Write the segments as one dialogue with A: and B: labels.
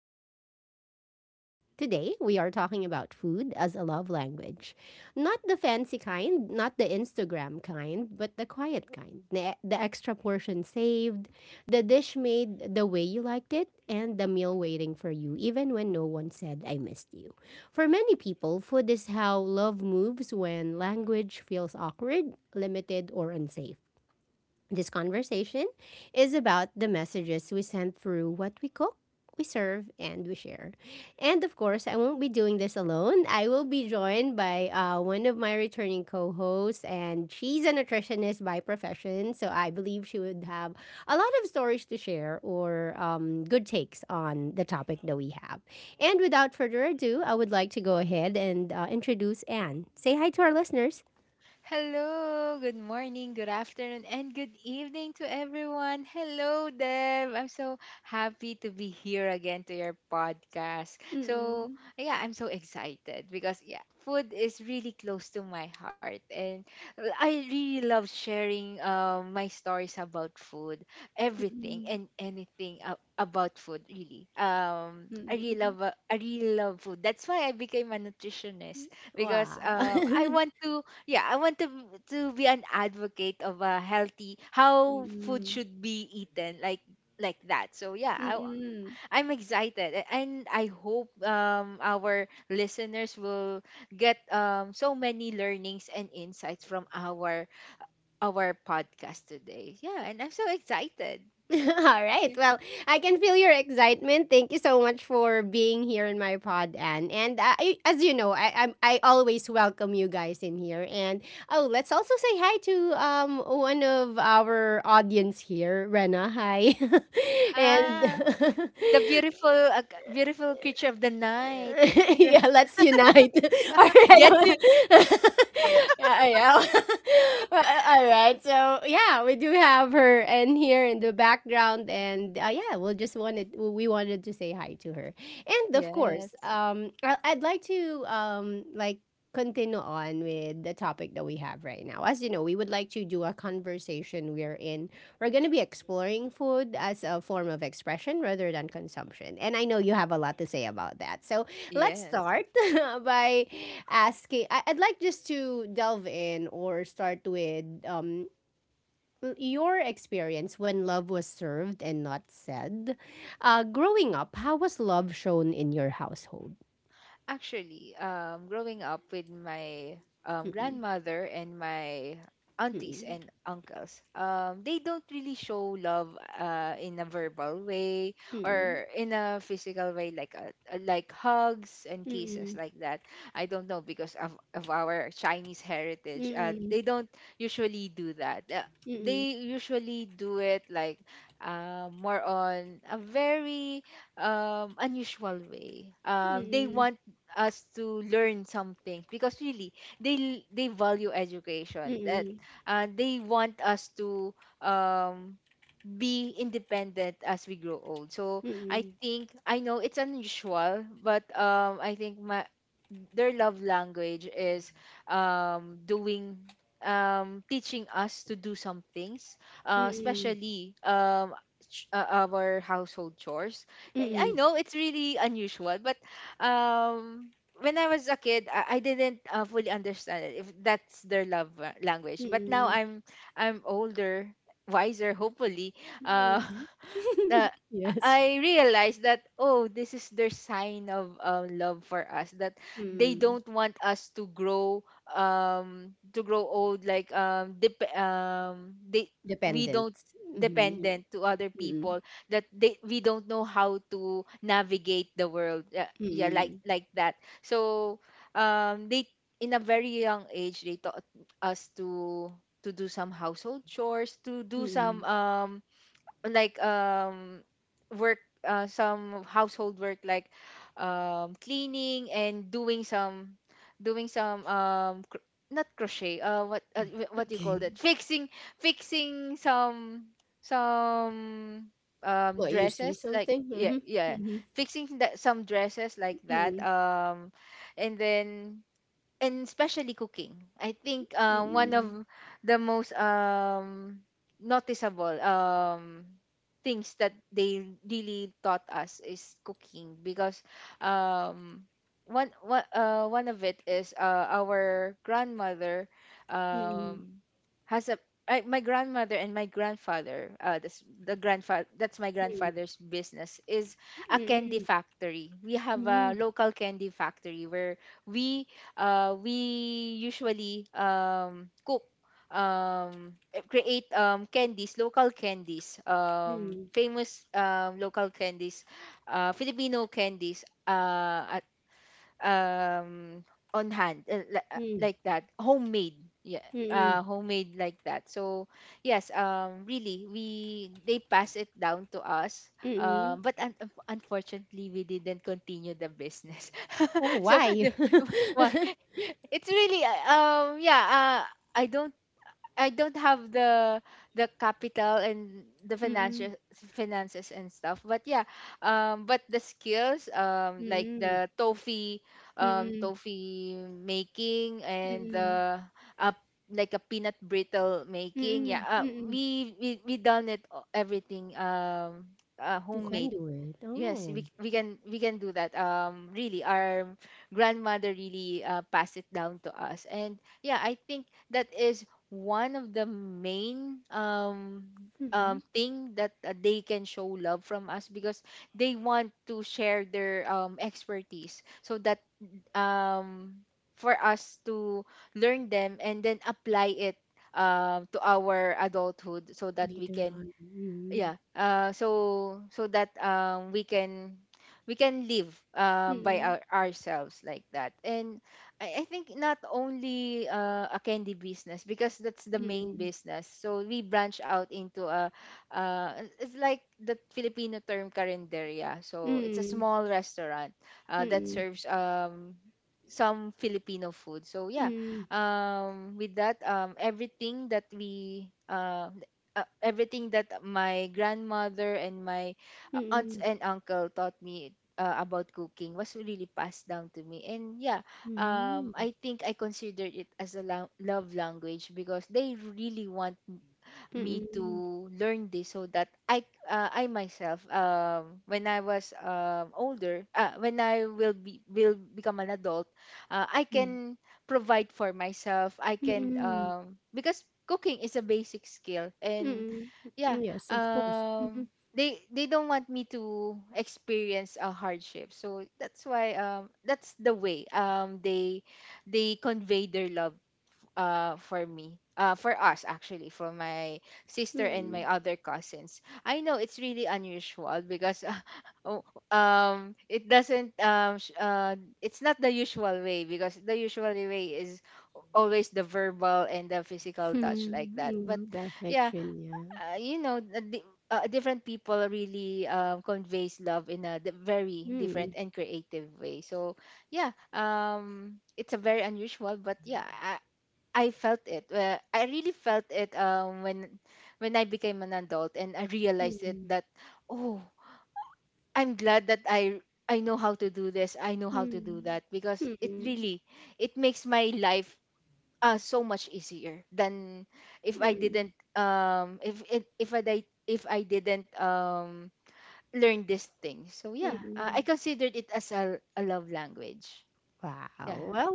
A: forcing it into words. Today, we are talking about food as a love language. Not the fancy kind, not the Instagram kind, but the quiet kind. The extra portion saved, the dish made the way you liked it, and the meal waiting for you, even when no one said, I missed you. For many people, food is how love moves when language feels awkward, limited, or unsafe. This conversation is about the messages we send through what we cook, we serve, and we share. And of course, I won't be doing this alone. I will be joined by one of my returning co hosts, and she's a nutritionist by profession. So I believe she would have a lot of stories to share or good takes on the topic that we have. And without further ado, I would like to go ahead and introduce Anne. Say hi to our listeners.
B: Hello, good morning, good afternoon, and good evening to everyone. Hello, Deb. I'm so happy to be here again to your podcast. So, yeah, I'm so excited because, yeah, food is really close to my heart. And I really love sharing my stories about food, everything and anything about food, really. I really love, I really love food. That's why I became a nutritionist because
A: Wow.
B: I want to yeah, I want to be an advocate of a healthy how food
A: Mm-mm.
B: should be eaten like that. So yeah,
A: Mm-mm.
B: I'm excited and I hope our listeners will get so many learnings and insights from our podcast today. Yeah, and I'm so excited.
A: All right.
B: Yeah.
A: Well, I can feel your excitement. Thank you so much for being here in my pod, Anne. And I, as you know, I always welcome you guys in here. And oh, let's also say hi to one of our audience here, Rena. Hi, and
B: Ah, the beautiful beautiful creature of the night.
A: yeah, let's unite. All
B: Yes.
A: right. Yeah, yeah. Well, all right. So, yeah, we do have her in here in the background and yeah, we wanted to say hi to her. And of course,
B: Yes.
A: I'd like to like continue on with the topic that we have right now. As you know, we would like to do a conversation we're in. We're going to be exploring food as a form of expression rather than consumption. And I know you have a lot to say about that. So, let's
B: Yes.
A: start by asking. I'd like just to delve in or start with your experience when love was served and not said. Growing up, how was love shown in your household?
B: Actually, growing up with my grandmother and my aunties and uncles, they don't really show love in a verbal way
A: Mm-mm,
B: or in a physical way, like hugs and kisses
A: mm-mm,
B: like that. I don't know because of our Chinese heritage. They don't usually do that.
A: mm-mm,
B: They usually do it like more on a very unusual way. They
A: mm-mm,
B: want us to learn something because really they value
A: mm-mm,
B: education. That
A: mm-mm,
B: They want us to um be independent as we grow old. So
A: mm-mm, mm-mm,
B: I
A: mm-mm,
B: think, I know it's unusual, but I think my their love language is doing teaching us to do some things, especially our household chores.
A: mm-mm,
B: I
A: mm-mm,
B: know it's really unusual, but um when I was a kid, I didn't fully understand it, if that's their love language. But now
A: mm-mm,
B: I'm older, wiser, hopefully. Uh,
A: mm-mm.
B: the
A: Yes.
B: I realized that, oh, this is their sign of love for us, that they
A: Mm.
B: don't want us to grow old like they we
A: Dependent.
B: don't
A: Mm-hmm.
B: dependent to other people, that they we don't know how to navigate the world, yeah, yeah,
A: Mm-mm.
B: like that. So they in a very young age they taught us to do some household chores, to do some
A: Mm,
B: like um work, some household work, like cleaning and doing some not crochet, what do you call
A: okay.
B: that, fixing fixing some
A: What, you saw
B: dresses, like,
A: something?
B: yeah,
A: Mhm,
B: yeah,
A: mhm,
B: fixing that some dresses like that.
A: mm,
B: And then, and especially cooking. I think one of the most noticeable things that they really taught us is cooking, because um, one of it is, our grandmother
A: mm,
B: um, has a my grandmother and my grandfather, that's my
A: mm,
B: grandfather's business, is a candy
A: mm,
B: factory. We have a
A: mm,
B: local candy factory where we we usually cook, create candies, local candies,
A: mm,
B: famous local candies, Filipino candies, um, on hand,
A: mm,
B: like that, homemade, yeah,
A: mm, mm,
B: homemade like that. So yes, really we they pass it down to us.
A: mm.
B: But un- unfortunately we didn't continue the business.
A: Oh,
B: So the,
A: why?
B: it's really yeah uh I don't I don't have the capital and the
A: Mm,
B: financial finances and stuff, but yeah, but the skills, like
A: mm,
B: the toffee,
A: mm,
B: toffee making, and
A: mm,
B: the uh, like a peanut brittle making, yeah,
A: mm, mm.
B: we done it, everything,
A: You can
B: homemade.
A: do it.
B: Yes,
A: Oh.
B: we can, we can do that. Really, our grandmother really passed it down to us, and yeah, I think that is one of the main
A: Mm-hmm.
B: thing that they can show love from us, because they want to share their expertise, so that um for us to learn them and then apply it to our adulthood, so that we
A: Later
B: can
A: on. Mm,
B: yeah so that we can live by
A: mm,
B: ourselves like that. And I think not only a candy business, because that's the main
A: mm,
B: business, so we branch out into a uh, it's like the Filipino term carinderia, so it's a
A: mm,
B: small restaurant that
A: mm,
B: serves some Filipino food. So yeah,
A: mm,
B: with that, everything that my grandmother and my aunts
A: mm,
B: and uncle taught me about cooking was really passed down to me. And yeah,
A: mm,
B: I think I consider it as a love language, because they really want
A: mm,
B: me to
A: mm,
B: learn this, so that I myself when I was older, when I will be will become an adult, I can provide for myself. I
A: mm,
B: can
A: mm.
B: because cooking is a basic skill. And
A: Mm,
B: yeah,
A: mm, yes, of course. Mm-hmm.
B: um they don't want me to experience a hardship. So that's why that's the way they convey their love for me, for us, actually, for my sister and my
A: Mm,
B: other cousins. I know it's really unusual because, oh, it doesn't it's not the usual way, because the usual way is always the verbal and the physical touch like that. But
A: mm, the
B: yeah,
A: affection, yeah.
B: you know different people really conveys love in a very different
A: Mm,
B: and creative way. So yeah, it's a very unusual, but yeah, I felt it. I really felt it when I became an adult and I realized it,
A: mm,
B: that oh, I'm glad that I know how to do this, I know how to do
A: mm,
B: that, because it
A: mm,
B: really it makes my life so much easier than if I
A: mm,
B: didn't if it if I di- if I didn't learn this thing. So yeah, I
A: mm.
B: considered it as a love language. Yeah.
A: Wow. Well,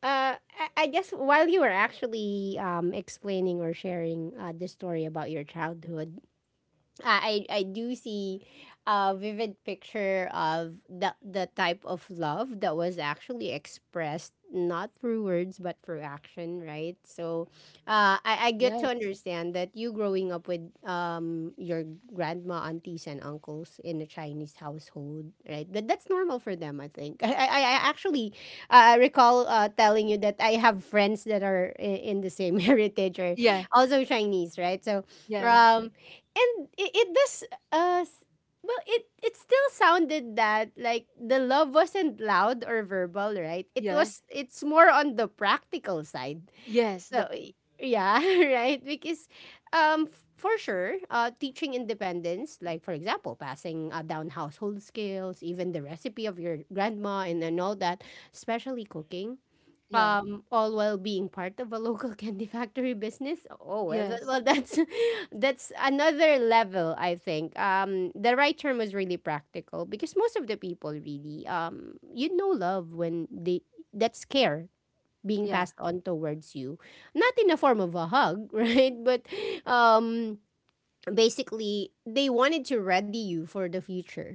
A: uh, I, I guess while you were actually explaining or sharing the story about your childhood, I do see a vivid picture of the type of love that was actually expressed not through words but through action, right? So, I get to
B: Yes.
A: understand that you growing up with your grandma, aunties, and uncles in a Chinese household, right? That that's normal for them, I think. I actually I recall telling you that I have friends that are in the same heritage or
B: Yeah.
A: also Chinese, right? So,
B: Yes.
A: um and it does uh s- well it still sounded that like the love wasn't loud or verbal, right? it
B: Yes.
A: was it's more on the practical side,
B: Yes. The
A: so yeah. Right? Because for sure teaching independence, like for example, passing down household skills, even the recipe of your grandma and all that, especially cooking,
B: yeah.
A: all while being part of a local candy factory business. Oh well,
B: Yes.
A: well, that's that's another level. I think the right term was really practical, because most of the people really um, you know, love when they that's care being
B: Yeah.
A: passed on towards you not in the form of a hug, right? But um basically they wanted to ready you for the future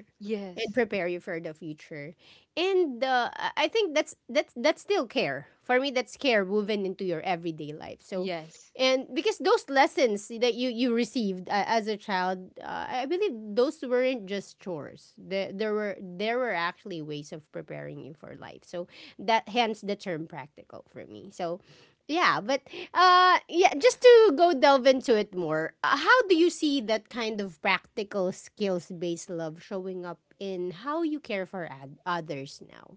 A: and
B: Yes.
A: prepare you for the future, and I think that's that's still care for me. That's care woven into your everyday life. So
B: Yes.
A: and because those lessons that you received as a child, I believe those weren't just chores. There were actually ways of preparing you for life, so that, hence the term practical for me. So yeah, but yeah, just to go delve into it more, how do you see that kind of practical skills based love showing up in how you care for others now?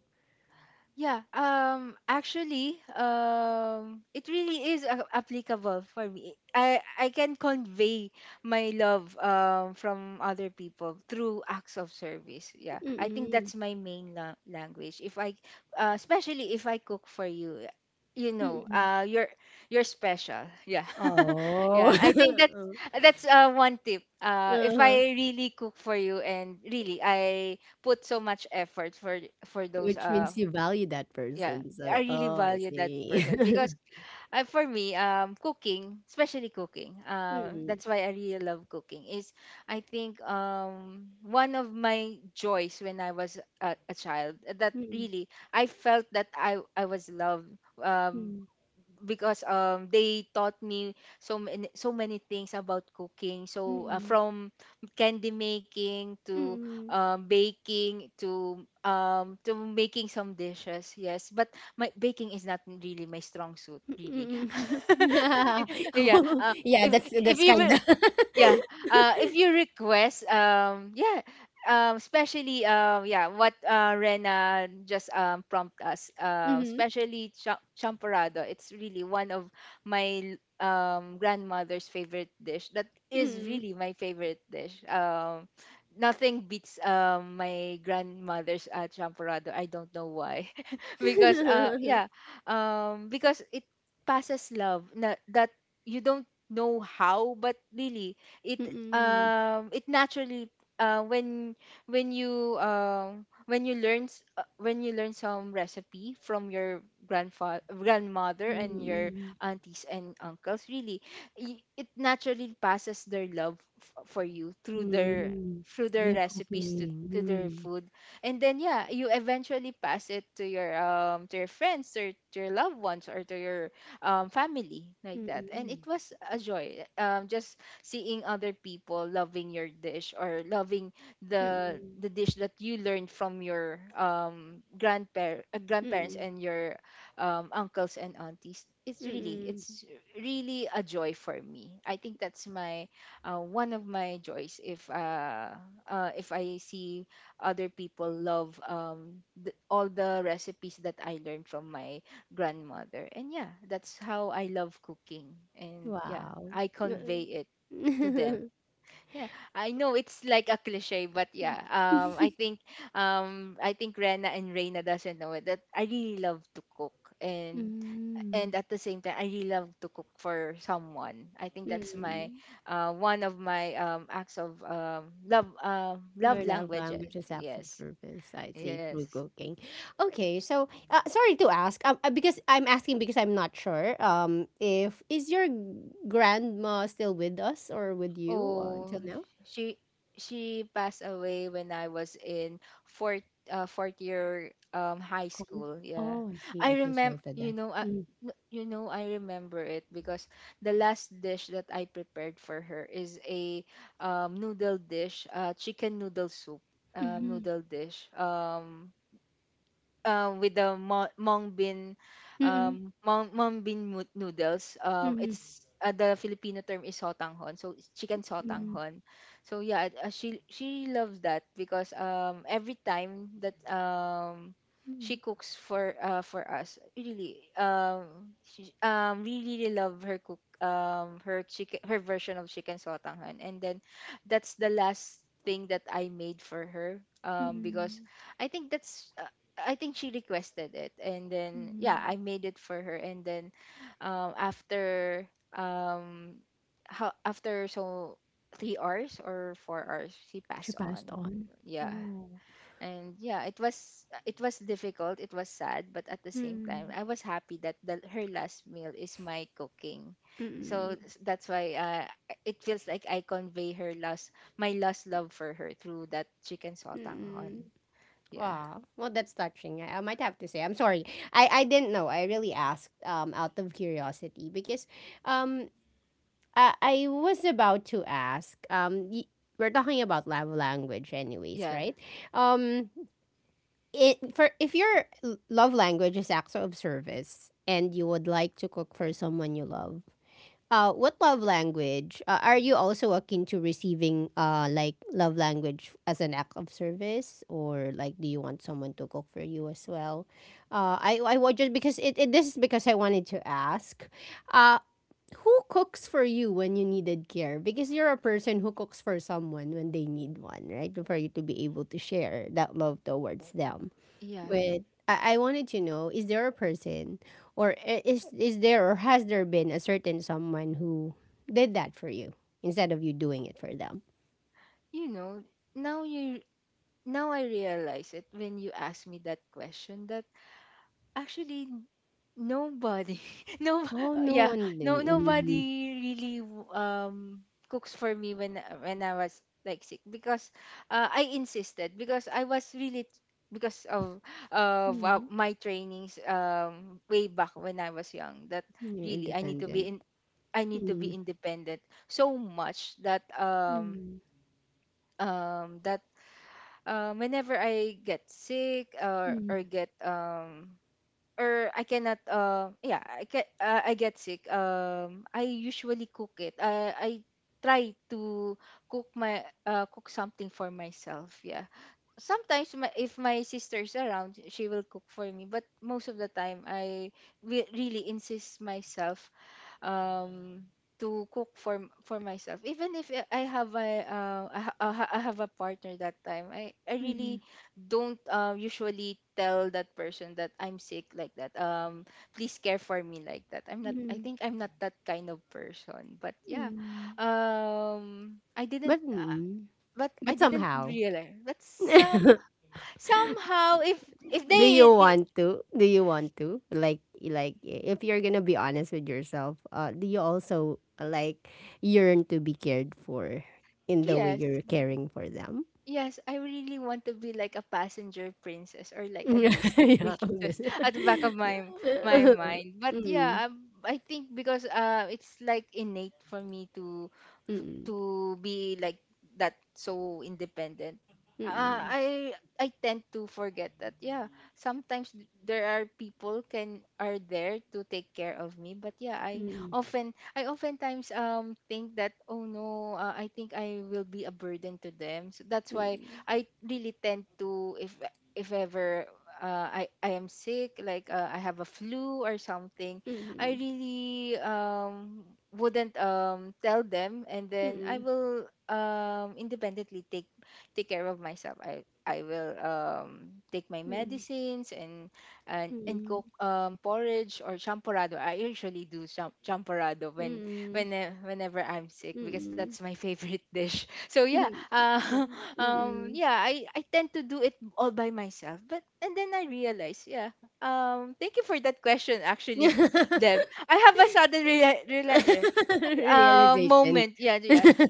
B: Yeah, actually it really is applicable for me. I can convey my love from other people through acts of service. Yeah. I think
A: Mm-mm.
B: that's my main language. If I especially if I cook for you, you know,
A: Mm-mm.
B: you're special. Yeah.
A: Oh,
B: Yeah, I think that's one tip. If
A: uh-huh.
B: I really cook for you and really I put so much effort for those
A: Which means you value that
B: yeah,
A: person.
B: I
A: So,
B: really
A: oh, I
B: value that
A: see.
B: person, because for me cooking, especially cooking,
A: Mm-mm.
B: that's why I really love cooking is I think one of my joys when I was a child, that
A: Mm-mm.
B: really I felt that I was loved, um because they taught me so many so many things about cooking.
A: Mm-mm.
B: So
A: Mm-mm.
B: from candy making to
A: Mm-mm.
B: baking, to making some dishes. Yes, but my baking is not really my strong suit, really.
A: Mm-mm.
B: Yeah,
A: Yeah,
B: if
A: that's
B: you
A: kind
B: will
A: of.
B: yeah, if you request yeah, especially, yeah, what Rena just prompt us, especially champorado, it's really one of my grandmother's favorite dish, that is
A: Mm-hmm.
B: really my favorite dish. Nothing beats my grandmother's champorado, I don't know why. Because yeah, because it passes love that you don't know how, but really it
A: Mm,
B: it naturally uh when when you when you when you learn some recipe from your grandfather grandmother and your
A: mm,
B: aunties and uncles, really it naturally passes their love for you
A: mm,
B: through
A: the
B: their recipes,
A: cooking,
B: to their
A: mm,
B: food. And then yeah, you eventually pass it to your friends, or to your loved ones, or to your family like that. And it
A: mm,
B: was a joy, just seeing other people loving your dish, or loving
A: mm,
B: the dish that you learned from your grandparents
A: mm,
B: and your uncles and aunties. It's really
A: mm.
B: it's really a joy for me. I think that's my one of my joys, if I see other people love all the recipes that I learned from my grandmother. And yeah, that's how I love cooking. And yeah,
A: Wow.
B: I
A: Mm.
B: convey it to them. Yeah, I know it's like a cliche, but yeah, I think Rena and Reina doesn't know it that I really love to cook,
A: Mm,
B: and at the same time, I really love to cook for someone. I think that's my,
A: mm.
B: one of my acts of love,
A: Your
B: love
A: love
B: languages.
A: language is acts of
B: Yes,
A: service. I see,
B: yes.
A: through cooking. Okay, so sorry to ask, because I'm asking because I'm not sure. If is your grandma still with us or with you until
B: Oh,
A: now?
B: she she passed away when I was in fourth fourth year high
A: Con,
B: school. Yeah,
A: oh, I see.
B: I
A: Okay, sorry
B: remember.
A: for that.
B: You know,
A: Mm.
B: you know, I remember it because the last dish that I prepared for her is a noodle dish, chicken noodle soup,
A: Mhm.
B: noodle dish. With the mung bean
A: Mm.
B: mung bean noodles.
A: Mhm.
B: It's the Filipino term is sotanghon, so it's chicken
A: Mhm.
B: sotanghon. So yeah, she loves that because every time that
A: Mhm.
B: she cooks for us, really, she we really love her cook, her chicken, her version of chicken sotanghon. And then that's the last thing that I made for her, because
A: Mhm.
B: I think that's I think she requested it, and then yeah, I
A: Mhm.
B: made it for her. And then after um, how after so 3 hours or 4 hours, she
A: She
B: passed
A: passed
B: on.
A: on?
B: Yeah,
A: Oh.
B: and yeah, it was difficult. It was sad, but at the same time,
A: Mm.
B: I was happy that her last meal is my cooking.
A: Mm.
B: So that's why it feels like I convey her last my last love for her through that chicken
A: Mm.
B: sotanghon. Yeah,
A: Wow. Well, that's touching. I might have to say. I'm sorry. I didn't know. I really asked out of curiosity because um I was about to ask we're talking about love language anyways,
B: yeah,
A: right? Um it for if your love language is acts of service and you would like to cook for someone you love what love language are you also akin to receiving? Uh, like love language as an act of service, or like, do you want someone to cook for you as well? I would just because it this is because I wanted to ask uh who cooks for you when you needed care? Because you're a person who cooks for someone when they need one, right? For you to be able to share that love towards them.
B: yeah.
A: But I wanted to know, is there a person or is there or has there been a certain someone who did that for you instead of you doing it for them?
B: you know, now you Now I realize it, when you ask me that question, that actually, nobody no,
A: Oh, no
B: yeah,
A: one did.
B: no,
A: Mm-hmm.
B: nobody really cooks for me when when I was, like, sick. Because I insisted, because I was really because of
A: Mm-hmm.
B: my trainings way back when I was young, that
A: You're
B: really I need to be
A: independent.
B: in I need to be
A: Mm-hmm.
B: independent so much that
A: Mm-hmm.
B: that whenever I get sick or get or I cannot yeah, I get sick, I usually cook it. I try to cook my cook something for myself. Yeah, sometimes my, if my sister's around, she will cook for me, but most of the time I really insist myself um to cook for for myself. Even if I have a I, I have a partner that time, I
A: Mm-hmm.
B: really don't usually tell that person that I'm sick like that, please care for me like that. I'm not, I
A: Mm-hmm.
B: think I'm not that kind of person. But yeah, I didn't,
A: But mm,
B: but
A: but
B: I didn't
A: somehow.
B: realize. But somehow, if
A: Do you
B: they I-
A: want to? Do you want to? Like if you're gonna be honest with yourself, do you also like yearn to be cared for in the way
B: yes.
A: you're caring for them?
B: Yes, I really want to be like a passenger princess or like a
A: Yeah.
B: Disney princess at the back of my my mind. But
A: Mm,
B: yeah, I think because it's like innate for me
A: mm, mm,
B: to be like that, so independent.
A: mm, mm,
B: I tend to forget that. Yeah, sometimes there are people can are there to take care of me, but yeah, I oftentimes think that, oh no, I think I will be a burden to them. So that's why I really tend to, if ever, I am sick, like, I have a flu or something, I
A: mm,
B: really wouldn't tell them, and
A: mm,
B: then
A: mm,
B: I
A: mm,
B: will independently take take care of myself. I will take my
A: mm,
B: medicines and and
A: mm,
B: cook porridge or champorado. I usually do champorado when whenever I'm sick, because that's my favorite dish. So yeah,
A: mm, mm, mm.
B: yeah, I tend to do it all by myself. But and then I realize, yeah, thank you for that question. Actually,
A: Mm.
B: Deb, I have a sudden reali reali- re-
A: Realization.
B: moment. Yeah, yeah.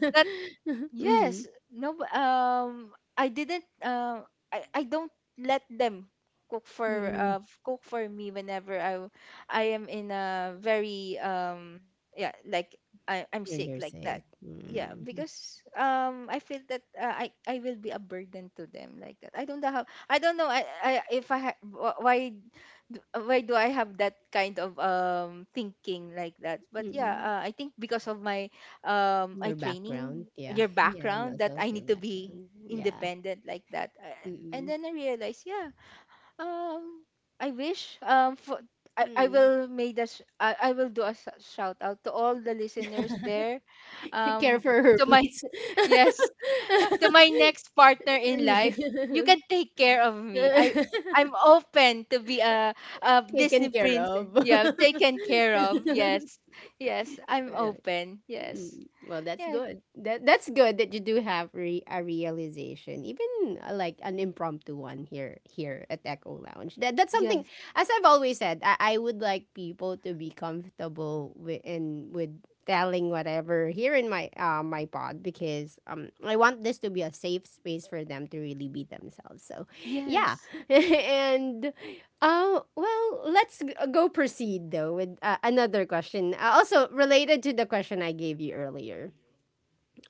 B: Yes. No. Um. I didn't. I don't let them cook for.
A: Mm, mm,
B: Cook for me, whenever I am in a very. Yeah. Like I'm
A: when
B: sick
A: you're
B: like
A: sick.
B: that. Yeah.
A: Mm,
B: Because. I feel that. I will be a burden to them, like that. I don't know how. I don't know. I. I. If I. Why. Why do I have that kind of, um, thinking like that? But yeah,
A: mm,
B: I think because of my I
A: your background.
B: training
A: Yeah.
B: your
A: Yeah, and
B: background, that
A: also
B: I
A: your
B: need to be
A: background. Yeah.
B: independent like that. And
A: Mm,
B: then I realized, yeah, um, I wish, um, for, I
A: mm.
B: will made a I will do a shout out to all the listeners there,
A: Care
B: um
A: for her,
B: to my,
A: please.
B: yes, to my next partner in life. You can take care of me. I'm open to be a Disney
A: Taken care
B: princess.
A: of.
B: Yeah, taken care of. Yes, yes, I'm
A: Yeah.
B: open. Yes.
A: Mm, well, that's
B: Yes,
A: good. That that's good that you do have a realization, even like an impromptu one here here at Echo Lounge. That that's something.
B: Yes.
A: As I've always said, I would like people to be comfortable with in with telling whatever here in my my pod, because I want this to be a safe space for them to really be themselves. So yeah,
B: Yes.
A: and oh, well, let's go proceed though with another question. Also related to the question I gave you earlier.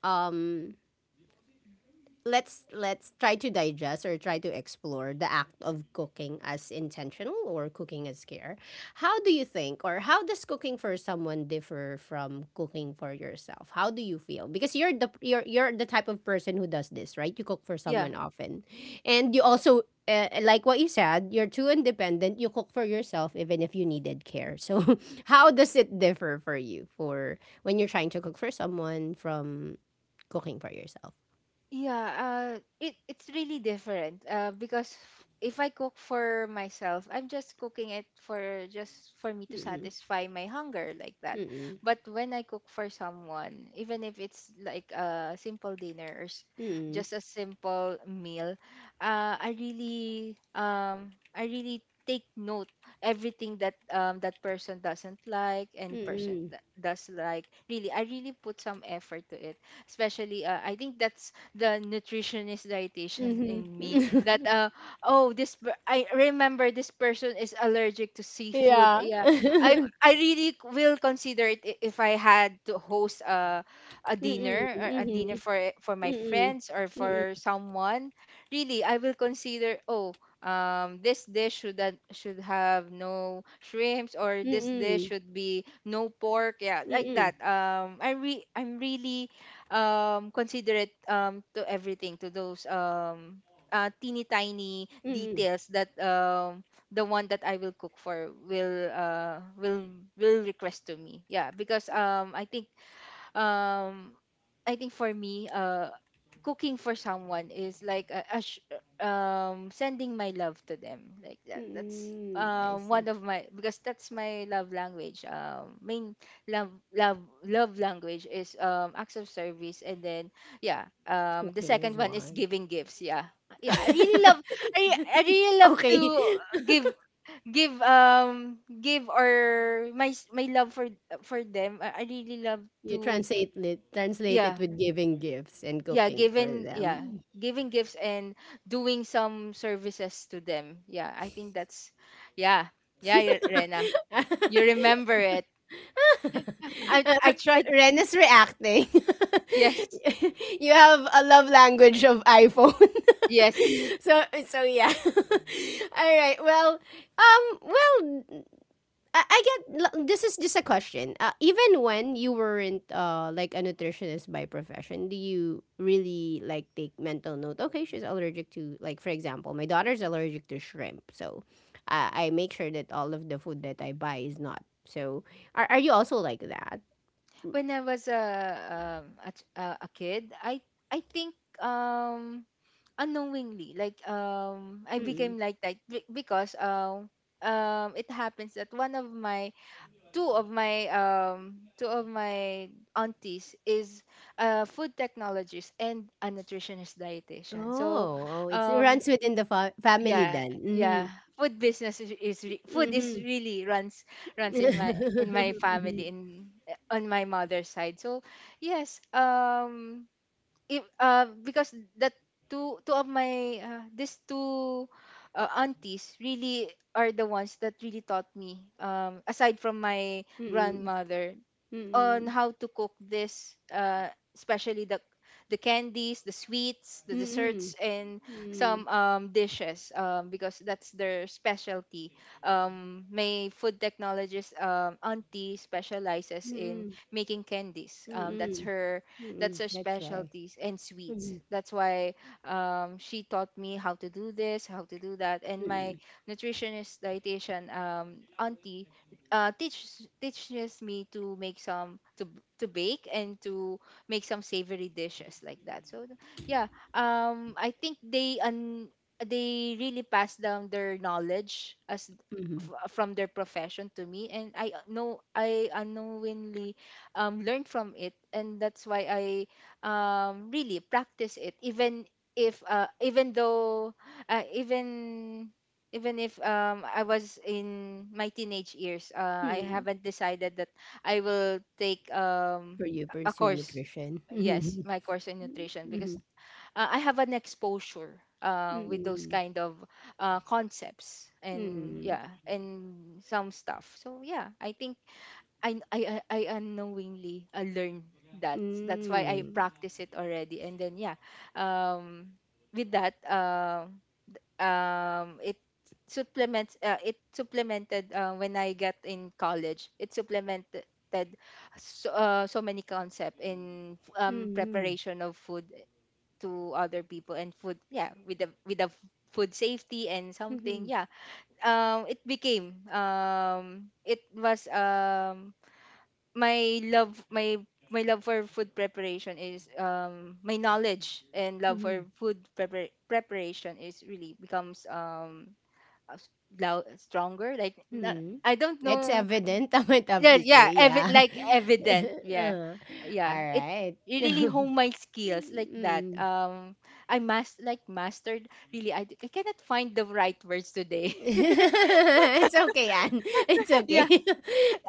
A: Um let's try to digest or try to explore the act of cooking as intentional or cooking as care. How do you think or how does cooking for someone differ from cooking for yourself? How do you feel? Because you're the you're the type of person who does this, right? You cook for
B: Yeah.
A: someone often. And you also like what you said, you're too independent. You cook for yourself even if you needed care. So, how does it differ for you for when you're trying to cook for someone from cooking for yourself?
B: Yeah, it's really different. Because if I cook for myself, I'm just cooking it for just for me to satisfy my hunger, like that.
A: Mm-mm,
B: But when I cook for someone, even if it's like a simple dinner or
A: mm-mm,
B: just a simple meal, I really take note everything that that person doesn't like, and person
A: mm-mm,
B: that does like. Really, I really put some effort to it. Especially, I think that's the nutritionist dietitian in
A: mhm,
B: me, that oh, this I remember, this person is allergic to seafood.
A: yeah.
B: Yeah. I I really will consider it, if I had to host a
A: Mm-mm,
B: dinner or a dinner
A: mhm,
B: for my
A: mm-mm,
B: friends or for
A: mm-mm,
B: someone. Really, I will consider, oh, this dish should, that should have no shrimps, or this dish
A: mm-mm,
B: should be no pork, yeah, like that.
A: mm-mm,
B: I'm really considerate to everything, to those, teeny tiny
A: mm-mm,
B: details that, the one that I will cook for will, will request to me. Yeah, because, I think, um I think for me, cooking for someone is like a sending my love to them, like that. That's
A: mm-mm. I see.
B: one of my, because that's my love language. Main love language is acts of service. And then yeah, the
A: Cooking is
B: second one is
A: one.
B: giving gifts. Yeah, yeah. I really love, I really love to
A: Okay.
B: give give give or my my love for them. I really love
A: You
B: to,
A: translate
B: yeah.
A: it with giving gifts and
B: Yeah,
A: cooking for
B: giving, yeah,
A: them.
B: giving gifts and doing some services to them. Yeah, I think that's, yeah, yeah. Rena, you remember it. i
A: Uh,
B: i tried.
A: Ren is reacting.
B: Yes,
A: You have a love language of iPhone.
B: yes.
A: So so yeah. All right. Well, well, I get this is just a question. Even when you weren't like a nutritionist by profession, do you really like take mental note? Okay, she's allergic to, like for example, my daughter's allergic to shrimp, so I make sure that all of the food that I buy is not. So are you also like that?
B: When I was a a kid, I think, um unknowingly, like, I
A: Mm.
B: became like that, because, it happens that one of my, two of my, two of my aunties is food technologist and a nutritionist
A: Oh,
B: dietitian. So
A: oh, it's, it
B: um
A: runs within the family
B: yeah,
A: then.
B: yeah,
A: Mhm.
B: food business is, food is
A: Mhm.
B: really runs runs in my
A: Mhm.
B: family, in on my mother's side. So yes, if because that, two, two of my, these two aunties, really are the ones that really taught me, aside from my
A: Mhm.
B: grandmother, on
A: Mhm.
B: how to cook this, especially the candies, the sweets, the
A: Mhm.
B: desserts and
A: Mhm.
B: some dishes, because that's their specialty. Um, my food technologist auntie specializes in
A: Mhm.
B: making candies. That's
A: Mhm.
B: her, that's
A: Mm,
B: her
A: that's right.
B: specialties and sweets.
A: Mhm,
B: That's why, she taught me how to do this, how to do that. And my
A: mm,
B: nutritionist dietitian auntie, teaches me to make some, to to bake and to make some savory dishes, like that. So yeah, I think they they really pass down their knowledge,
A: mhm,
B: from their profession to me. And I know I unknowingly learned from it, and that's why I, really practice it, even if even though even even if I was in my teenage years. Uh, I
A: mm.
B: haven't decided that I will take
A: For you
B: a
A: pursue
B: course.
A: nutrition.
B: Yes,
A: Mhm,
B: my course in nutrition. Because
A: mhm,
B: I have an exposure
A: mm,
B: with those
A: mm,
B: kind of concepts and
A: mm,
B: yeah, and some stuff. So yeah, I think I unknowingly learned that. That's why I practice it already. And then yeah, um, with that, it supplements, it supplemented, when I got in college, it supplemented so, so many concept in
A: mhm, mhm,
B: preparation of food to other people, and food, yeah, with the food safety and something, yeah. It became, it was my love, my love for food preparation is, my knowledge and love for
A: mhm,
B: food preparation is really becomes, loud, stronger, like
A: mhm.
B: I don't
A: It's
B: know.
A: evident, I might have
B: Yeah,
A: to
B: yeah,
A: say, yeah.
B: evident, yeah,
A: Uh,
B: yeah,
A: all right.
B: it really hone my skills like that.
A: Mm.
B: Um, I must, like, mastered, really, I cannot find the right words today.
A: It's okay, Anne. It's okay.
B: Yeah.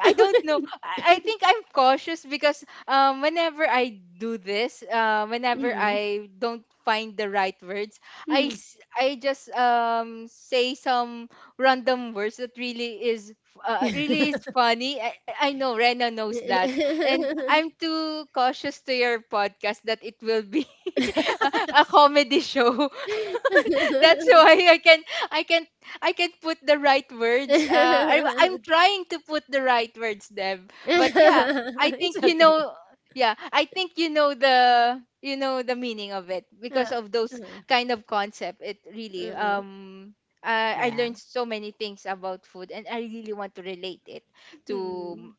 B: I don't know. I think I'm cautious, because whenever I do this, whenever
A: Mm,
B: I don't find the right words,
A: mhm.
B: I just say some random words that really is really is funny. I know Rena knows that, and I'm too cautious to your podcast, that it will be a, a comedy show. That's why I can I can't put the right words. I'm trying to put the right words, Deb. But yeah, I think
A: It's
B: you
A: okay.
B: know. Yeah, I think you know the meaning of it because
A: Uh,
B: of
A: uh,
B: those kind of concept. It really
A: mm,
B: um I, I
A: yeah.
B: learned so many things about food, and I really want to relate it to m-
A: Mm,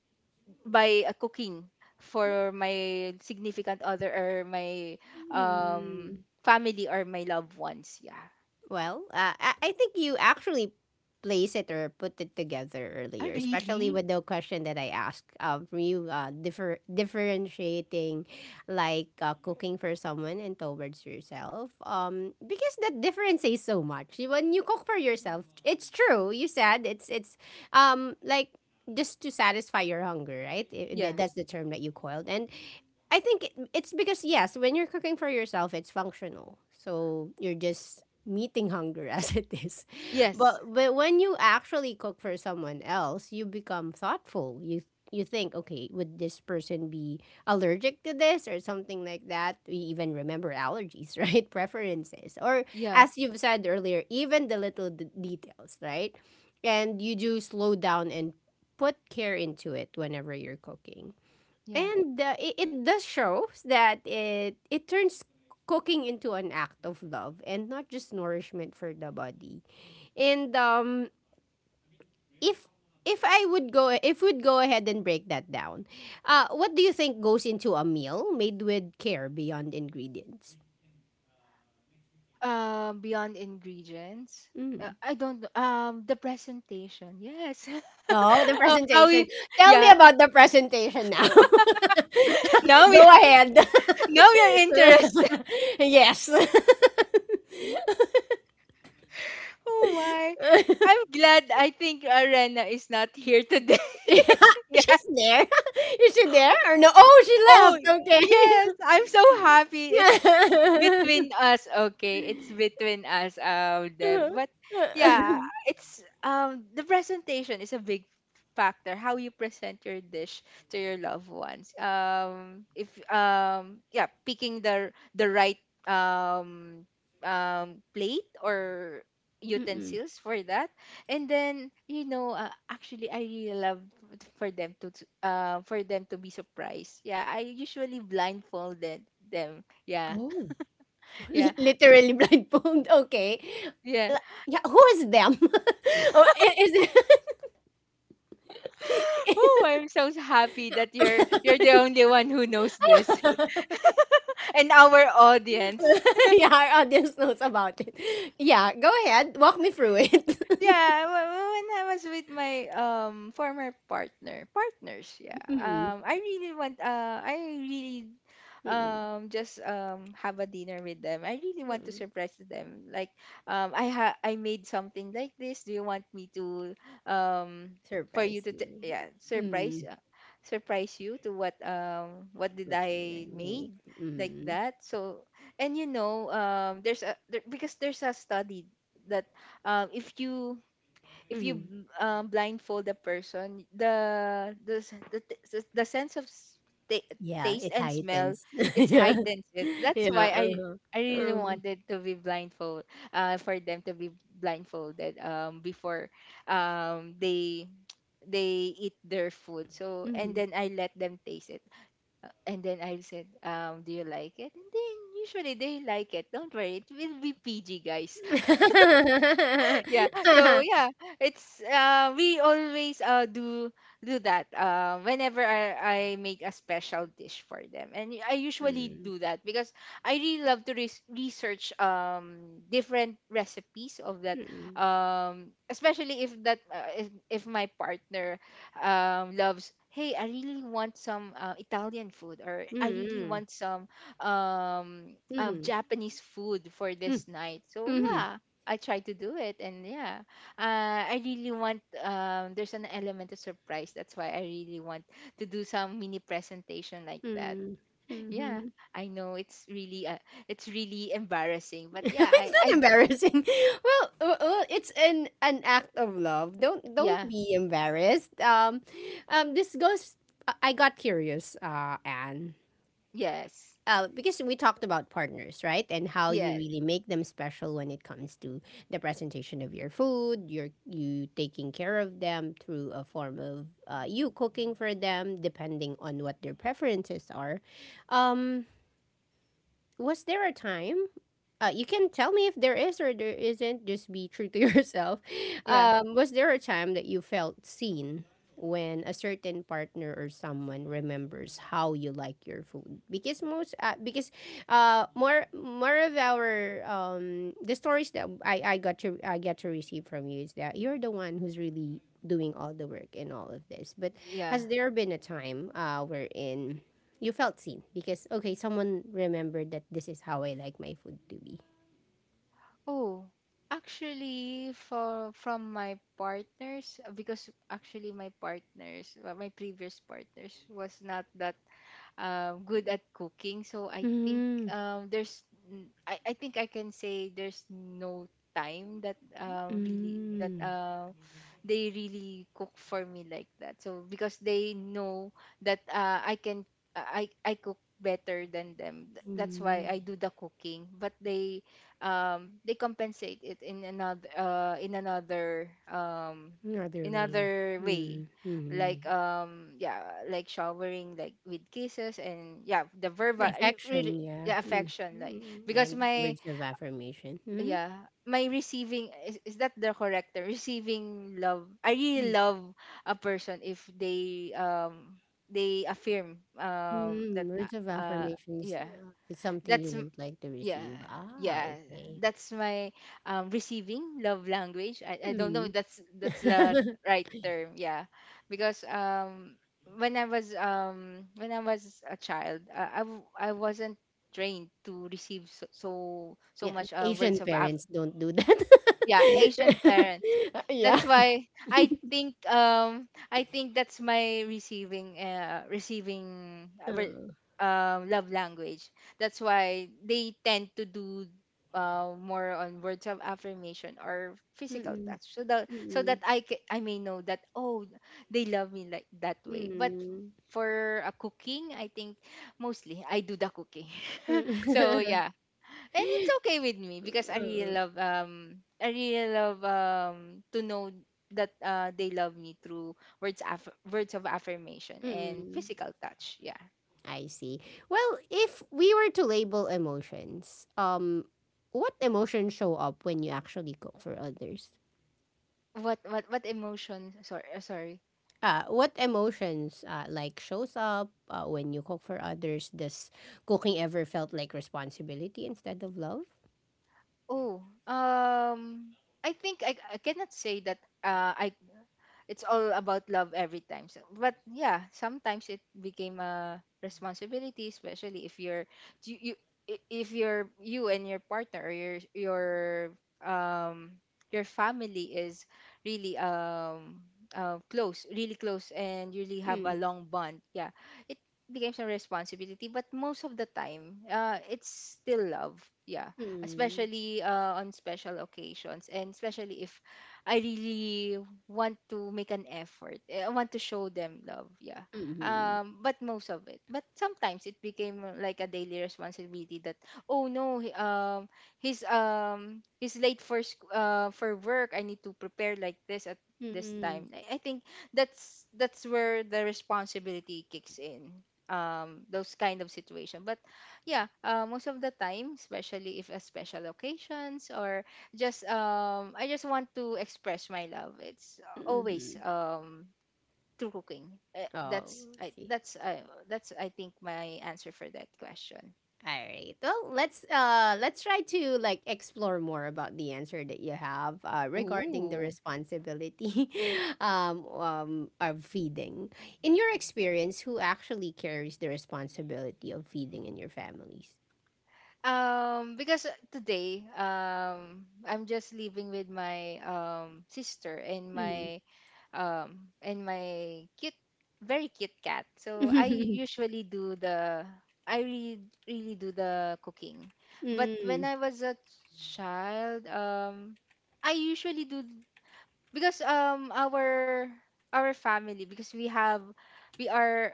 B: by cooking for my significant other or my um
A: mm.
B: family or my loved ones. Yeah.
A: Well, I think you actually place it or put it together
B: Ah,
A: earlier, especially
B: really?
A: with the question that I asked from you, differentiating like cooking for someone and towards yourself. Because that difference says so much. When you cook for yourself, it's true. You said it's um like just to satisfy your hunger, right?
B: Yeah.
A: That's the term that you coiled, and I think it's because yes, when you're cooking for yourself, it's functional. So you're just meeting hunger as it is.
B: Yes.
A: But when you actually cook for someone else, you become thoughtful. You think, okay, would this person be allergic to this or something like that? We even remember allergies, right? Preferences. Or
B: Yeah,
A: as you've said earlier, even the little details, right? And you do slow down and put care into it whenever you're cooking.
B: yeah.
A: And it does shows that it turns cooking into an act of love and not just nourishment for the body. And if if we'd go ahead and break that down, what do you think goes into a meal made with care beyond ingredients?
B: Beyond ingredients.
A: Mm.
B: I don't know. The presentation. Yes.
A: Oh, the
B: Oh, how you?
A: presentation. Tell
B: Yeah.
A: me about the presentation now.
B: Now we
A: Go ahead.
B: now we're interested.
A: Yes.
B: Oh my! I'm glad. I think Arena is not here today.
A: Yeah,
B: Yeah.
A: she's there. Is she there or no? Oh, she
B: Oh,
A: left. Okay.
B: yes. I'm so happy. It's
A: Yeah.
B: between us, okay, it's between us, Dev. But yeah, it's the presentation is a big factor, how you present your dish to your loved ones. If, yeah, picking the right um plate or
A: Mm-mm.
B: utensils for that. And then, actually, I really love for them to be surprised. Yeah, I usually blindfolded them. Yeah.
A: Oh,
B: Yeah,
A: literally blindfold. Okay.
B: yeah.
A: La- Yeah, who is them? or I- is it-
B: Oh, I'm so happy that you're the only one who knows this, and our audience.
A: Yeah, our audience knows about it. Yeah, go ahead. Walk me through it.
B: Yeah, when I was with my former partners, yeah.
A: Mm-mm.
B: I really want. I really,
A: Mm-mm.
B: just have a dinner with them. I really want to
A: Mm-mm.
B: surprise them. Like, I ha I made something like this. Do you want me to, um for you
A: Surprise me.
B: yeah, surprise,
A: Mm.
B: surprise you to what, what did
A: What did I
B: I
A: make?
B: made like
A: Mm.
B: that? So, and because there's a study that, if you, if you
A: Mm-hmm.
B: blindfold a person, the s- the, t- s- the sense of ta-
A: Yeah,
B: taste
A: it
B: and smell,
A: tightens.
B: it
A: Yeah.
B: heightens it. That's
A: Yeah,
B: why I
A: uh-huh,
B: I really
A: uh-huh,
B: wanted to be blindfold. For them to be blindfolded before, um they they eat their food. So and
A: mhm.
B: then I let them taste it, and then I said, "Do you like it?" And then usually they like it. Don't worry, it will be PG, guys. Yeah. So yeah, it's we always do that, whenever I make a special dish for them. And I usually
A: Mm,
B: do that because I really love to research, different recipes of that, especially if that, if my partner loves, hey, I really want some Italian food, or I really
A: mm,
B: want some
A: mm, mhm,
B: Japanese food for this night. So
A: mm, mhm,
B: yeah, I try to do it, and yeah, I really want. There's an element of surprise. That's why I really want to do some mini presentation like that.
A: mm,
B: Yeah,
A: mhm.
B: I know it's really embarrassing, but yeah,
A: It's not
B: I,
A: embarrassing. Well, it's an act of love. Don't
B: yeah,
A: be embarrassed. This goes. I got curious, Anne.
B: yes,
A: Because we talked about partners, right? And how you
B: yeah,
A: really make them special when it comes to the presentation of your food, you taking care of them through a form of you cooking for them, depending on what their preferences are. Um, was there a time? You can tell me if there is or there isn't. Just be true to yourself.
B: yeah,
A: Was there a time that you felt seen when a certain partner or someone remembers how you like your food? Because more of our the stories that I get to receive from you is that you're the one who's really doing all the work in all of this. But
B: yeah.
A: has there been a time wherein you felt seen because okay, someone remembered that this is how I like my food to be.
B: Oh, actually, for from my partners, because actually my partners, my previous partners was not that good at cooking. So I think,
A: Mm,
B: there's, I think I can say there's no time that, really that
A: mm,
B: they really cook for me like that. So because they know that, I can I cook better than them. That's why
A: mm.
B: I do the cooking. But they, compensate it in another,
A: Another way.
B: another way,
A: Mm, mm.
B: like, yeah, like showering, like with kisses. And yeah, the verbal, really,
A: Affection, yeah.
B: yeah,
A: Mm,
B: affection. Like,
A: mm.
B: because
A: And
B: my,
A: words of affirmation. Mm,
B: yeah, my receiving is that the correct term? Receiving love, I really
A: mm.
B: love a person if they, affirm that,
A: Mm, words of affirmation is,
B: yeah,
A: uh, is something you
B: that's m-
A: wouldn't like to
B: yeah,
A: receive. Ah,
B: yeah,
A: okay.
B: that's my receiving love language. I don't know if
A: Mm.
B: that's the right term. Yeah. Because, when I was a child, I wasn't trained to receive so
A: Yeah,
B: much, words
A: Asian
B: of
A: parents
B: affirmation.
A: don't do
B: Yeah, Asian
A: that.
B: parents,
A: yeah.
B: that's why I think, that's my receiving,
A: Oh.
B: love language. That's why they tend to do, more on words of affirmation or physical
A: Mm-mm.
B: touch, so that
A: Mm-mm.
B: I may know that, oh, they love me like that way. But
A: Mm.
B: for a cooking, I think mostly I do the cooking. So
A: Mm.
B: yeah. And it's okay with me because I really
A: Mm.
B: love to know that, they love me through words, words of affirmation and
A: Mm.
B: physical touch. Yeah.
A: I see. Well, if we were to label emotions, what emotions show up when you actually cook for others?
B: What emotion? Sorry, sorry.
A: What emotions like shows up when you cook for others? Does cooking ever felt like responsibility instead of love?
B: Oh, um I think I cannot say that, I it's all about love every time. So, but yeah, sometimes it became a responsibility, especially if you're you, you I- if you're you and your partner, or um your family is really, close, really close, and you really have a
A: Mm.
B: long bond. Yeah, it becomes a responsibility, but most of the time, it's still love. Yeah,
A: Mm.
B: especially on special occasions, and especially if I really want to make an effort. I want to show them love. Yeah.
A: Mm.
B: But most of it. But sometimes it became, like a daily responsibility, that, oh no, he's late for work. I need to prepare like this at
A: Mm.
B: this
A: Mm.
B: time. I think that's where the responsibility kicks in. Those kind of situation. But yeah, most of the time, especially if a special occasions, or just, I just want to express my love. It's
A: Hmm.
B: always, through cooking. Eh,
A: Oh,
B: That's
A: I
B: I
A: see.
B: that's I that's I think my answer for that question.
A: All right. Well, let's try to like explore more about the answer that you have regarding the
B: Ooh.
A: responsibility of feeding. In your experience, who actually carries the responsibility of feeding in your families?
B: Because today, I'm just living with my sister and
A: Mm.
B: my, cute, very cute cat. So, i usually do the i really really do the cooking. But when
A: Mm.
B: I was a child, I usually do, because our family, because we are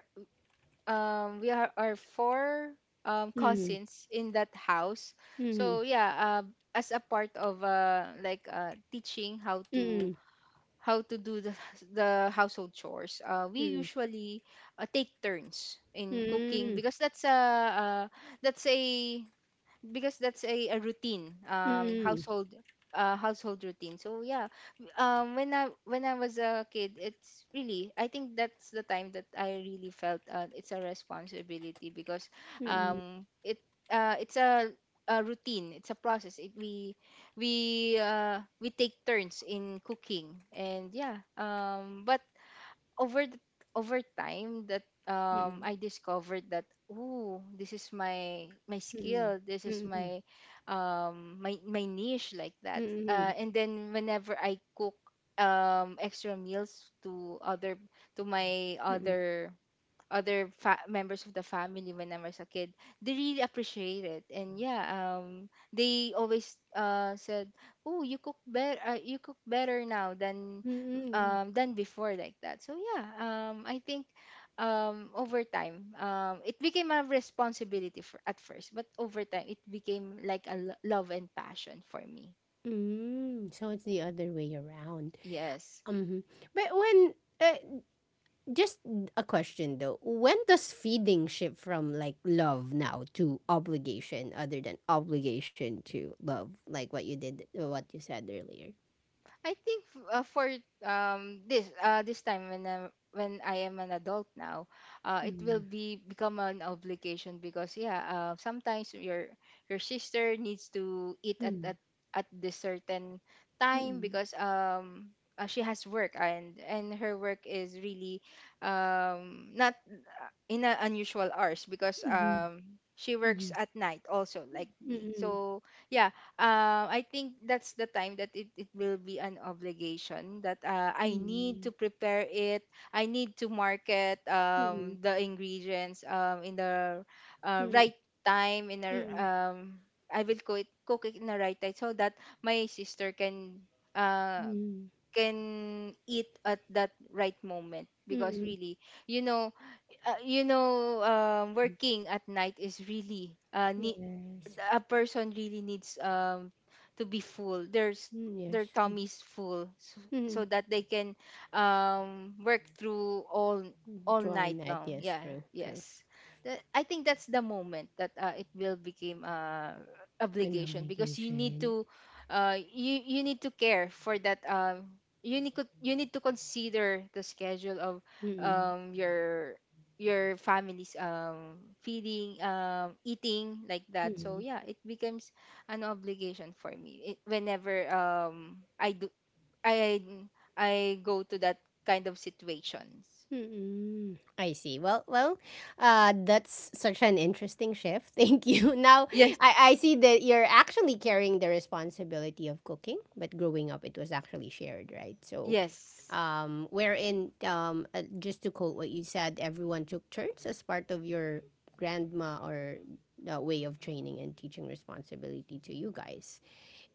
B: we are four
A: Mm.
B: cousins in that house. So
A: Mm.
B: yeah, uh, as a part of, teaching how to
A: Mm.
B: do the, the household chores. We
A: Mm. Mm.
B: usually, take turns in cooking, because that's a that's a routine, household, routine. So yeah, when I was a kid, it's really, I think that's the time that I really felt, it's a responsibility. Because,
A: Mm. Mm. Mm.
B: um it it's a routine, it's a process, it, we we take turns in cooking. And yeah, but over the, over time that, I discovered that, oh, this is my
A: Mm.
B: skill, this
A: Mm.
B: is
A: Mm. Mm.
B: my, my niche, like that. And then whenever I cook, extra meals to my
A: Mm. Mm.
B: members of the family when I was a kid, they really appreciate it. And yeah, they always, said, "Oh, you cook better. You cook better now than
A: Mm.
B: um than before, like that." So yeah, I think, over time, it became a responsibility for at first, but over time it became like a love and passion for me.
A: Mm. So it's the other way around.
B: Yes.
A: Mhm. But when uh, just a question though, when does feeding shift from like love now to obligation, other than obligation to love, like what you did, what you said earlier?
B: I think, for, this time, when I am an adult now, it will
A: Mm.
B: be become an obligation, because yeah, sometimes your sister needs to eat at
A: Mm.
B: at at this certain time,
A: Mm.
B: because, she has work, and her work is really, not, in a unusual hours, because
A: Mm.
B: she
A: Mm.
B: works at night also, like me.
A: Mm.
B: So yeah, I think that's the time that, it will be an obligation that,
A: Mm.
B: I need
A: Mm.
B: to prepare it. I need to market, the ingredients, in the,
A: Mm.
B: right time, in a
A: Mm.
B: I will cook it in the right time, so that my sister can, uh,
A: Mm.
B: eat at that right moment, because
A: Mm.
B: really, you know you know, working at night is really,
A: Yes.
B: a person really needs, to be full. There's
A: Mm, yes.
B: Their tummy's full, so
A: Mm-hmm.
B: so that they can, work through all
A: Draw a
B: night
A: net.
B: long.
A: Yes.
B: Yeah.
A: True. True.
B: Yes. I think that's the moment that, it will become,
A: An
B: obligation, because you need
A: obligation.
B: to, you need to care for that, you need to consider the schedule of,
A: Mm.
B: um your your family's, feeding eating, like that. So yeah, it becomes an obligation for me, whenever, I do I I go to that kind of situations.
A: Mm-mm. I see. Well, that's such an interesting shift. Thank you. Now,
B: Yes.
A: I see that you're actually carrying the responsibility of cooking, but growing up, it was actually shared, right? So,
B: Yes.
A: wherein, just to quote what you said, everyone took turns as part of your grandma or the way of training and teaching responsibility to you guys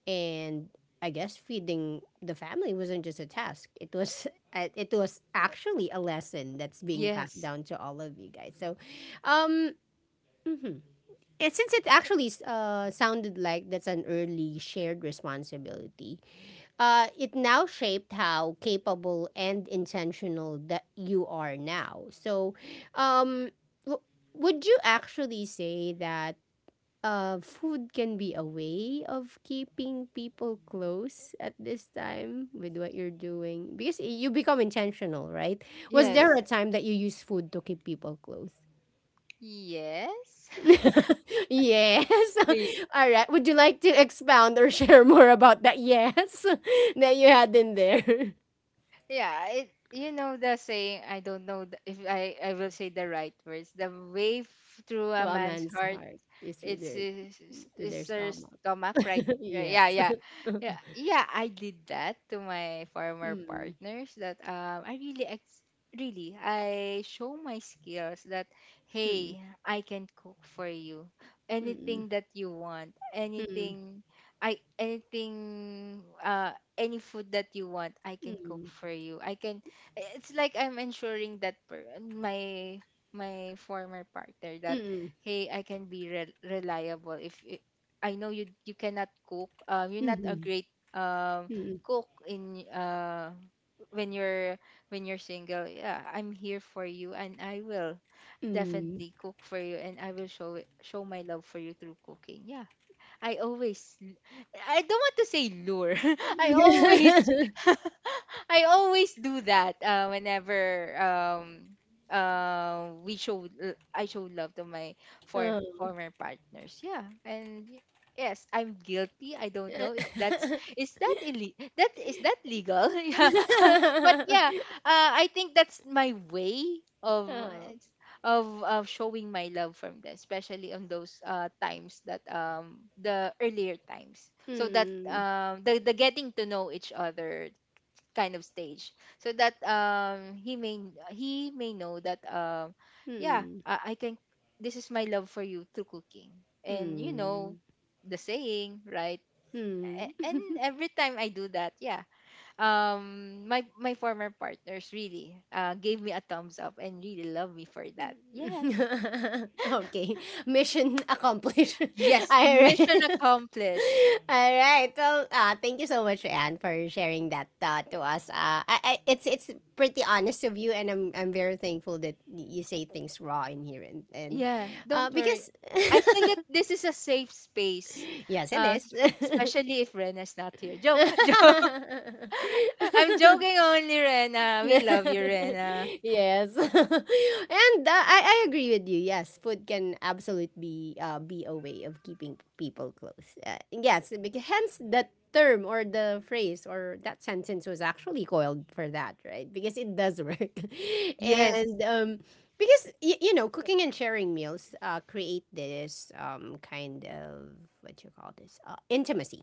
A: and I guess feeding the family wasn't just a task. It was it was actually a lesson that's being passed
B: Yes.
A: down to all of you guys. So, um, mhm. And since it actually sounded like that's an early shared responsibility, it now shaped how capable and intentional that you are now. So, um, w- would you actually say that? Food can be a way of keeping people close at this time with what you're doing because you become intentional, right? Was, yeah, there a
B: Yes.
A: time that you use food to keep people close?
B: Yes.
A: Yes.
B: Yeah.
A: All right. Would you like to expound or share more about that? Yes, that you had in there.
B: Yeah, it you know the saying, I don't know if I will say the right words, the way through a
A: To a
B: man's
A: man's
B: heart
A: heart is through
B: it's
A: their to their
B: is her
A: stomach.
B: stomach, right? Right. Yeah,
A: Yes.
B: yeah, yeah, yeah. I did that to my former
A: Mm.
B: partners, that I really really I show my skills that, hey,
A: Mm.
B: I can cook for you
A: Mm.
B: anything that you want,
A: Mm. Mm. Mm.
B: anything. I anything any food that you want, I can cook for you. I can, it's like I'm ensuring that my my former partner that,
A: Mm. Mm.
B: hey, I can be reliable. If it, I know you, you cannot cook, you're not a
A: mm,
B: great um
A: mm,
B: cook in when you're, when you're single. Yeah, I'm here for you and I will
A: mm.
B: definitely cook for you, and I will show my love for you through cooking. Yeah, I always l- I don't want to say lure. I always, I always do that, whenever I show love to my
A: Oh.
B: former partners. Yeah. And yes, I'm guilty. I don't know if that's is that ille- that is that legal? Yeah. But yeah, I think that's my way of
A: Oh.
B: of showing my love from them, especially on those times that the earlier times. So that
A: Hmm.
B: the getting to know each other kind of stage. So that he may, he may know that yeah,
A: Hmm.
B: I can, this is my love for you through cooking, and you know
A: Hmm.
B: the saying, right?
A: Hmm.
B: And every time I do that, yeah, my former partners really gave me a thumbs up and really love me for that. Yes.
A: Okay, mission accomplished.
B: Yes, mission
A: Alright.
B: accomplished.
A: All right. Well, thank you so much, Anne, for sharing that to us. I, it's pretty honest of you, and I'm very thankful that you say things raw in here, and
B: Yeah, don't worry.
A: because
B: I feel that this is a safe space,
A: 痩せ です。
B: especially if Rena's not here. Joke, joke. I'm joking only, Rena. We love you, Rena.
A: Yes. And I agree with you. Yes, food can absolutely be a way of keeping people close, yes, because hence the term or the phrase or that sentence was actually coiled for that, right? Because it does work.
B: Yes,
A: And because cooking and sharing meals create this kind of what you call this, intimacy,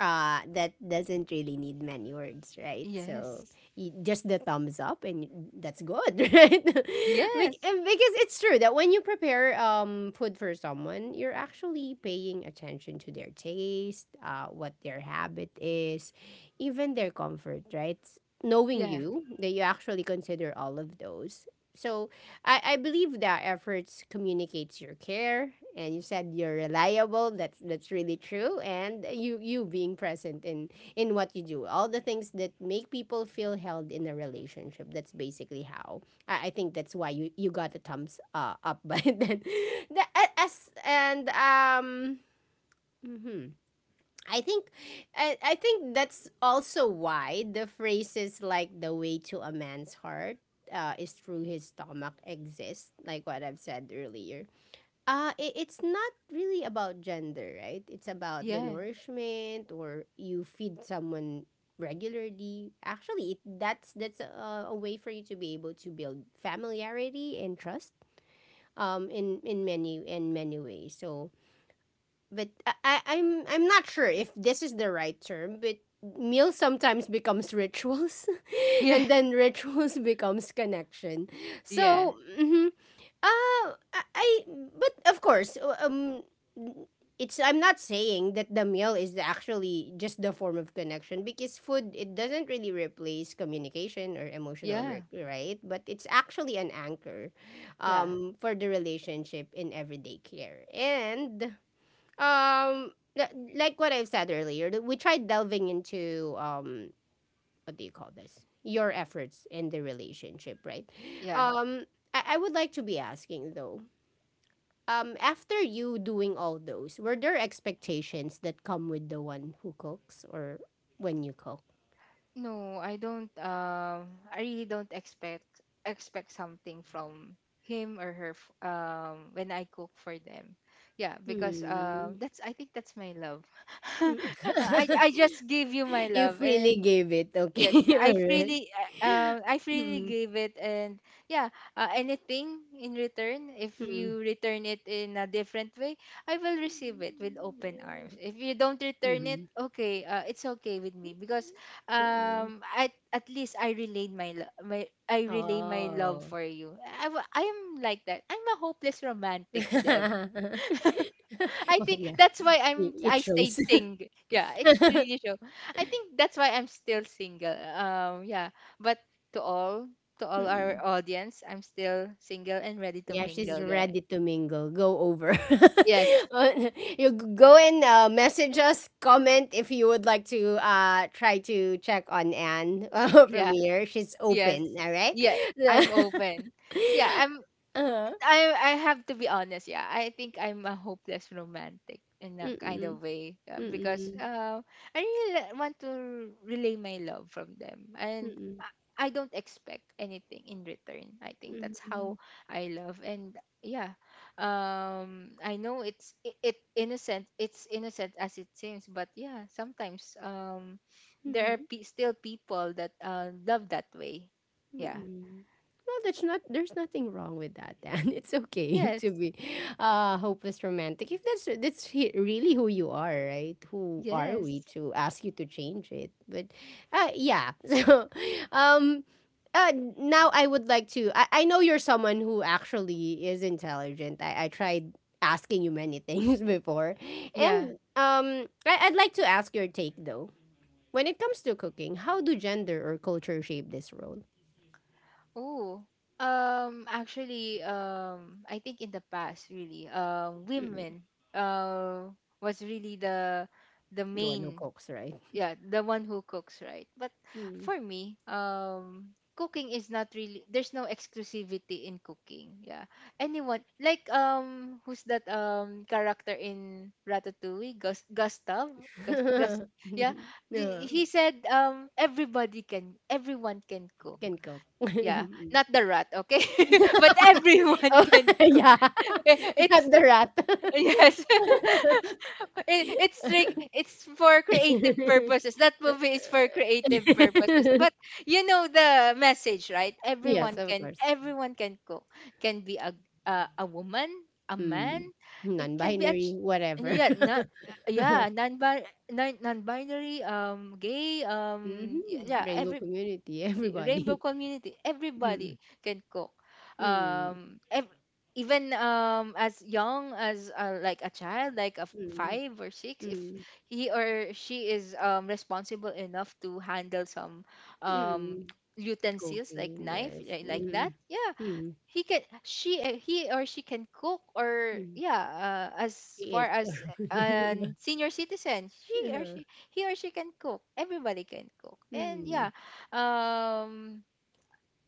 A: that doesn't really need many words, right? So
B: yes,
A: just the thumbs up and that's good, right. Bec-
B: yes,
A: and because it's true that when you prepare food for someone, you're actually paying attention to their taste, what their habit is, even their comfort, right? Knowing
B: yeah,
A: you that you actually consider all of those, so I believe that efforts communicates your care, and you said you're reliable. That's really true, and you being present in what you do, all the things that make people feel held in a relationship. That's basically how I think that's why you got a thumbs up by then. The, as and. Mhm. I think, I think that's also why the phrases like "the way to a man's heart" is through his stomach exist, like what I've said earlier. It's not really about gender, right? It's about the
B: yeah,
A: nourishment or you feed someone regularly. Actually, it, that's a way for you to be able to build familiarity and trust in many ways. So, but I'm not sure if this is the right term, but meals sometimes becomes rituals
B: yeah,
A: and then rituals becomes connection.
B: yeah,
A: So, mhm. Uh, I, I- but of course, it's I'm not saying that the meal is actually just the form of connection, because food, it doesn't really replace communication or emotional
B: yeah,
A: work, right? But it's actually an anchor,
B: yeah,
A: for the relationship in everyday care and um, like what I've said earlier, we tried delving into what do you call this? Your efforts in the relationship, right?
B: yeah.
A: Um, I would like to be asking though, after you doing all those, were there expectations that come with the one who cooks or when you cook?
B: No, I don't. I really don't expect expect something from him or her. When I cook for them, yeah, because
A: Hmm.
B: that's, I think that's my love. I just give you my
A: You
B: love,
A: freely
B: and
A: gave it.
B: yeah,
A: Okay.
B: I
A: All right.
B: freely, uh, I freely
A: Mm.
B: gave it, and yeah, anything in return, if
A: Mm.
B: you return it in a different way, I will receive it with open arms. If you don't return it,
A: Mm.
B: okay, it's okay with me because
A: Mm.
B: at least I relayed my lo- my I relay my love
A: Oh.
B: for you. I am like that. I'm a hopeless romantic. I
A: Well,
B: think
A: yeah,
B: that's why I'm
A: it
B: I stayed
A: shows.
B: single. Yeah, it's really show. I think that's why I'm still single. Yeah. But to all, to all our
A: Mm.
B: audience, I'm still single and ready to
A: Yeah, she's
B: mingle, guys.
A: ready to mingle. Go over.
B: Yes.
A: Uh, you go and message us, comment if you would like to try to check on Anne from
B: Yeah.
A: here. She's
B: Yes.
A: open, all right?
B: Yeah. I'm open. Yeah.
A: uh,
B: I have to be honest. Yeah, I think I'm a hopeless romantic in a kind of
A: mm-mm,
B: way, because
A: mm-mm,
B: I really want to relay my love from them, and
A: mm-mm,
B: I don't expect anything in return. I think that's
A: mm-mm.
B: how I love. And yeah, I know it's it innocent. It's innocent as it seems, but yeah, sometimes there are
A: Mm-mm.
B: still people that love that way. Yeah.
A: Mm. Well, that's not. There's nothing wrong with that, Dan. It's okay
B: Yes.
A: to be hopeless romantic if that's really who you are, right? Who are we
B: Yes.
A: to ask you to change it? But yeah. So, um, now I would like to. I know you're someone who actually is intelligent. I tried asking you many things before,
B: Yeah.
A: and I'd like to ask your take though. When it comes to cooking, how do gender or culture shape this role?
B: Oh, actually, I think in the past, really, women, uh, was really the
A: Gawa no
B: main,
A: cokes, right?
B: yeah, the one who cooks, right? But
A: Mm.
B: for me, cooking is not really, there's no exclusivity in cooking. Yeah, anyone like, who's that character in Ratatouille? Gus, Gustav, Gus, Gus, yeah.
A: Yeah,
B: He said, everybody can, everyone can cook.
A: can cook.
B: Yeah,
A: Mm.
B: not the rat, okay? But everyone
A: Oh,
B: can cook.
A: yeah.
B: It's,
A: Not the rat.
B: yes. It's strict, it's for creative purposes. That movie is for creative purposes. But you know the message, right?
A: Yes, of course.
B: Everyone can cook. Can be a woman, a man.
A: Mm.
B: It can be a ch-
A: Non-binary, whatever.
B: yeah, not yeah, non non Non-binary, gay,
A: Mhm.
B: yeah,
A: Rainbow
B: every
A: community,
B: rainbow
A: everybody.
B: community,
A: Mm.
B: everybody can cook.
A: Mm.
B: um ev- Even as young as, like a child, like a
A: Mm.
B: five or six, if
A: Mm.
B: he or she is responsible enough to handle some um
A: Mm.
B: utensils like
A: Cooking,
B: knife,
A: yes.
B: like that.
A: Mm.
B: Yeah,
A: Mm.
B: he or she can cook, or
A: Mm.
B: yeah, as far
A: Creator,
B: as
A: 'di ba?
B: an senior citizen, she or
A: Oo,
B: she he or she can cook, everybody can cook. And
A: mm,
B: yeah, um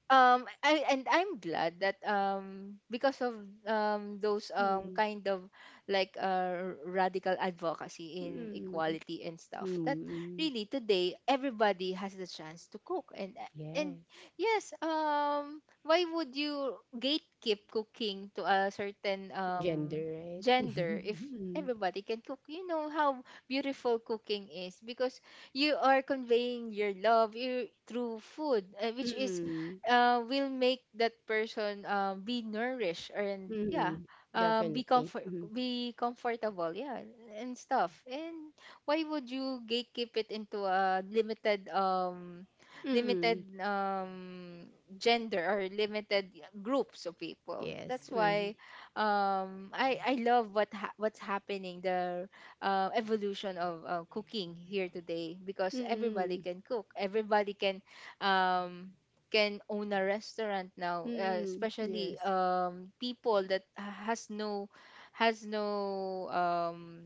B: I'm glad that because of those
A: mm,
B: kind of, like, radical advocacy in equality and
A: mm,
B: stuff, that
A: mm,
B: really today everybody has the chance to cook. And
A: yes,
B: yes, why would you gatekeep cooking to a certain
A: gender, right?
B: gender, if everybody can cook? You know how beautiful cooking is, because you are conveying your love through food, which is
A: Mm,
B: will make that person be nourished, and
A: mm,
B: yeah,
A: mm, definitely, mhm,
B: be comfortable, yeah, and stuff. And why would you gatekeep it into a limited limited
A: mm,
B: gender, or limited groups of people? That's
A: yes, mhm,
B: why, I love what's happening, the evolution of cooking here today, because everybody
A: mm,
B: can cook, everybody um can own a restaurant now,
A: mm,
B: especially
A: yes,
B: people that has no, has no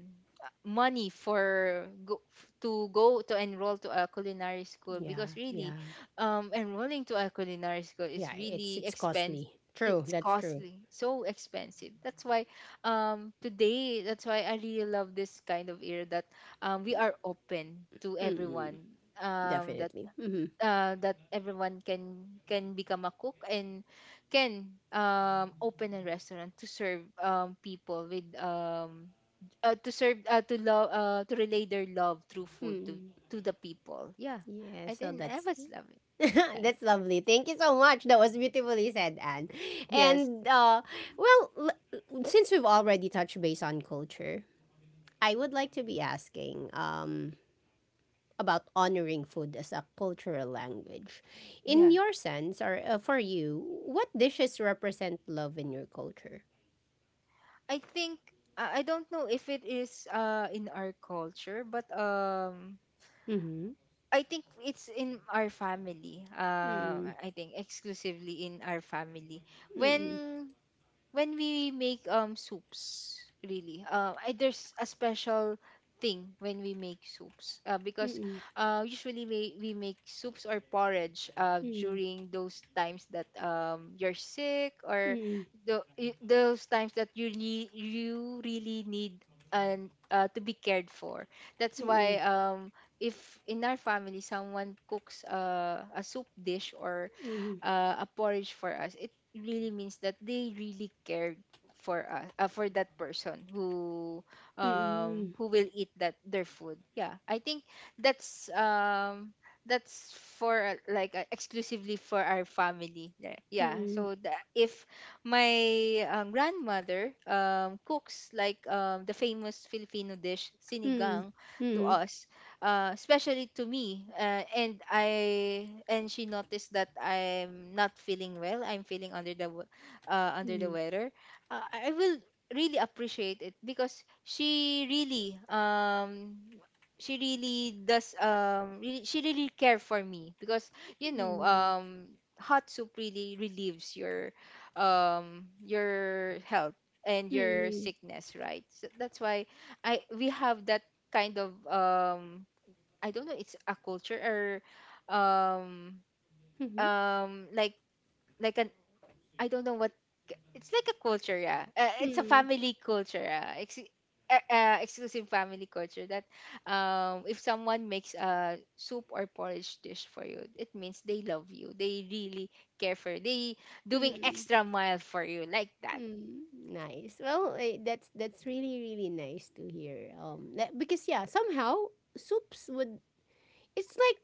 B: money to go to enroll to a culinary school,
A: yeah,
B: because really
A: yeah,
B: enrolling to a culinary school is
A: yeah, it's
B: really
A: it's
B: expensive,
A: costly. True,
B: it's
A: that's true.
B: costly, so expensive. That's why today, that's why I really love this kind of era, that we are open to
A: Mm,
B: everyone, that
A: definitely. Mhm,
B: that everyone can become a cook, and can open a restaurant to serve people with to serve, to love, to relay their love through food
A: mm,
B: to the people. Yeah,
A: yeah,
B: I
A: so
B: think I
A: that's
B: was love it. Yeah.
A: that's lovely. Thank you so much. That was beautifully said, Anne.
B: Yes.
A: And well, since we've already touched base on culture, I would like to be asking about honoring food as a cultural language. In
B: Yeah.
A: your sense, or for you, what dishes represent love in your culture?
B: I think I don't know if it is in our culture, but
A: Mm-hmm.
B: I think it's in our family.
A: Mm-mm.
B: I think exclusively in our family. When when we make soups, really, there's a special thing when we make soups, because
A: Mm-mm.
B: usually we make soups or porridge during those times that, you're sick, or
A: Mm-mm.
B: the, those times that you need, you really need, and to be cared for. That's
A: Mm-mm.
B: why,
A: Mm-mm.
B: if in our family someone cooks, a soup dish, or
A: Mm-mm.
B: a porridge for us, it really means that they really cared for us, for that person
A: Mm-mm. Mm-mm.
B: who will eat that their food. Yeah, I think that's, that's for, exclusively for our family, yeah, yeah.
A: Mm-mm.
B: So the, if my, grandmother cooks, like, the famous Filipino dish
A: Mm-mm.
B: sinigang, to
A: Mm-mm.
B: us, especially to me, and I and she noticed that I'm not feeling well. I'm feeling under the under the weather. I will really appreciate it, because she really she really care for me, because you know,
A: Mm-mm.
B: hot soup really relieves your health, and your
A: Mm-mm.
B: sickness, right? So that's why I we have that kind of, I don't know, it's a culture, or um
A: Mhm.
B: um like like an, I don't know what it's like a culture. Yeah, it's a
A: Mm,
B: family culture, yeah. Exclusive family culture, that if someone makes a soup or porridge dish for you, it means they love you, they really care for you, they doing
A: mm,
B: extra mile for you, like that.
A: mm. Nice. Well, that's really really nice to hear. That, because yeah, somehow soups would. It's like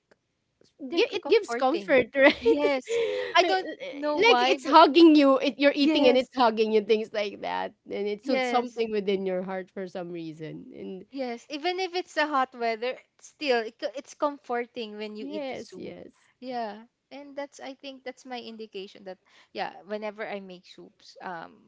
A: it gives
B: comforting.
A: comfort, right?
B: Yes, I don't know
A: Like
B: why,
A: it's
B: but
A: hugging you. You're eating and
B: yes,
A: it's hugging you. Things like that, and it's
B: yes.
A: something within your heart for some reason. And
B: Yes, even if it's a hot weather, still it's comforting when you eat
A: yes,
B: soup.
A: yes.
B: Yeah, and that's, I think that's my indication that, yeah, whenever I make soups, um,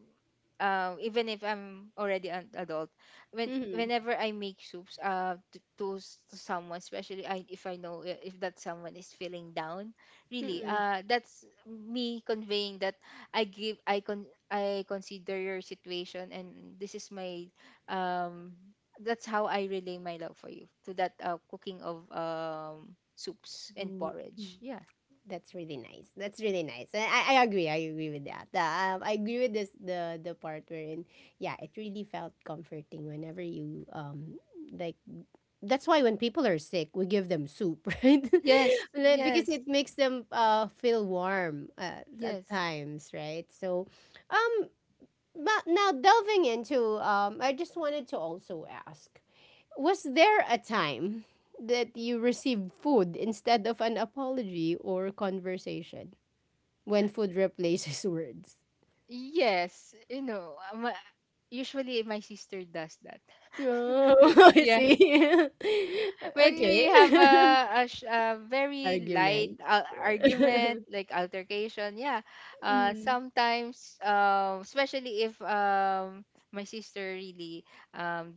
B: uh, even if I'm already an adult,
A: Mm-hmm.
B: whenever I make soups, to someone, especially I if I know, if that someone is feeling down, really,
A: Mm-mm.
B: that's me conveying that I consider your situation, and this is my, um that's how I relay my love for you, to that, cooking of, soups and
A: So. Hmm.
B: porridge. Yeah.
A: That's really nice. That's really nice. And I agree. I agree with that. I agree with this the part wherein yeah, it really felt comforting whenever you like that's why when people are sick, we give them soup, right?
B: Yes.
A: Like, because
B: Yes.
A: it makes them feel warm at
B: Yes.
A: times, right? So, um, but now delving into I just wanted to also ask. Was there a time that you received food instead of an apology or conversation when food replaces words?
B: Yes. You know, usually my sister does that.
A: Oh, I
B: Yeah.
A: see.
B: When we
A: okay.
B: have a, a very light,
A: Argument.
B: argument, like altercation. Yeah,
A: mm,
B: sometimes, especially if, my sister really, um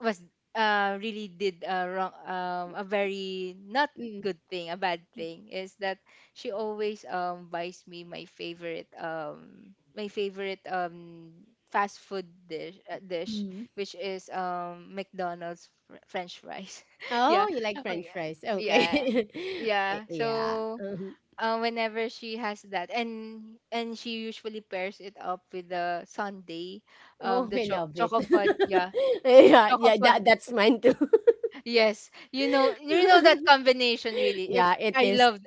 B: was really did a wrong, a very not
A: mm.
B: good thing, a bad thing, is that she always buys me my favorite, my favorite fast food dish, dish,
A: Mm.
B: which is McDonald's french fries. Yeah.
A: Oh, you like
B: Oh
A: French
B: yeah.
A: fries.
B: Yeah.
A: Okay.
B: Yeah.
A: Yeah.
B: So
A: Mhm.
B: whenever she has that, and she usually pairs it up with the sundae,
A: Oh,
B: the
A: I love it.
B: choco fudge, yeah.
A: yeah,
B: Choco
A: yeah,
B: fudge.
A: that, that's mine too.
B: Yes. You know that combination, really. It's,
A: yeah, it
B: I
A: is.
B: love,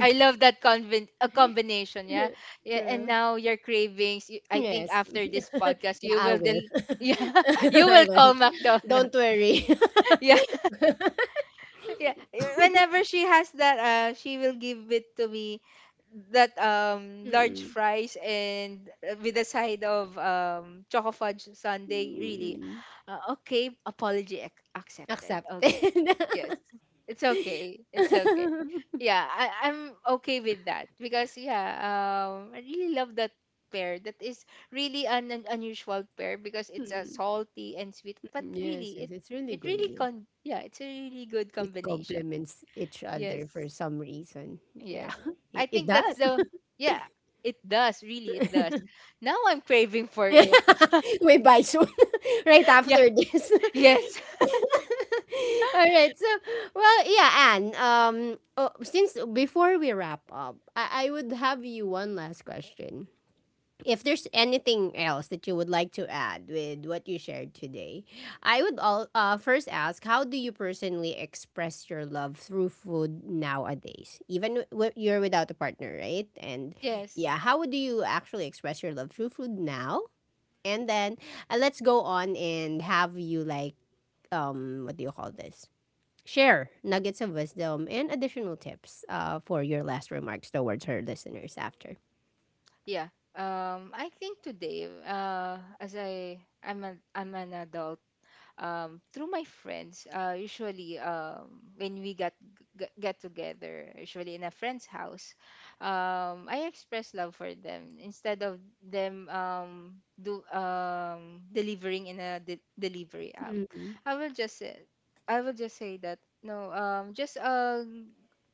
B: I love that convin- a combination, yeah. Yeah, and
A: True.
B: now your cravings, I think
A: Yes.
B: after this podcast
A: Yeah,
B: you
A: I
B: will
A: will.
B: yeah, you
A: I
B: will
A: will.
B: call
A: Don't
B: McDonald's.
A: worry.
B: Yeah. Yeah. Whenever she has that she will give it to me that large
A: mm,
B: fries and, with a side of choco fudge sundae, really.
A: mm,
B: Okay, accepted. Okay,
A: accepted.
B: yes, it's okay, it's okay. Yeah. I'm okay with that because, yeah, I really love that pair. That is really an unusual pair because
A: mm,
B: it's a
A: mm,
B: salty and sweet, but
A: yes,
B: really
A: yes,
B: it
A: it's really
B: it
A: good.
B: really
A: Yeah.
B: con yeah, it's a really good
A: It
B: combination.
A: complements each
B: Yes.
A: other for some reason. Yeah,
B: Yes. I
A: it
B: think that's
A: does.
B: the Yeah, it does, really it does. Now I'm craving for
A: Yeah,
B: it.
A: we buy soon right
B: Yeah.
A: after this.
B: Yes.
A: All right. So, well, yeah, Anne. Oh, since before we wrap up, I would have you one last question. If there's anything else that you would like to add with what you shared today, I would all first ask how do you personally express your love through food nowadays? Even you're without a partner, right? And
B: Yes.
A: yeah, how do you actually express your love through food now? And then let's go on and have you like what do you call this? Share nuggets of wisdom and additional tips for your last remarks towards her listeners after.
B: Yeah. I think today, as I I'm an adult. Through my friends, usually, when we get together, usually in a friend's house, I express love for them instead of them, do delivering in a delivery app.
A: Mm,
B: I will just say, I will just say that no, just,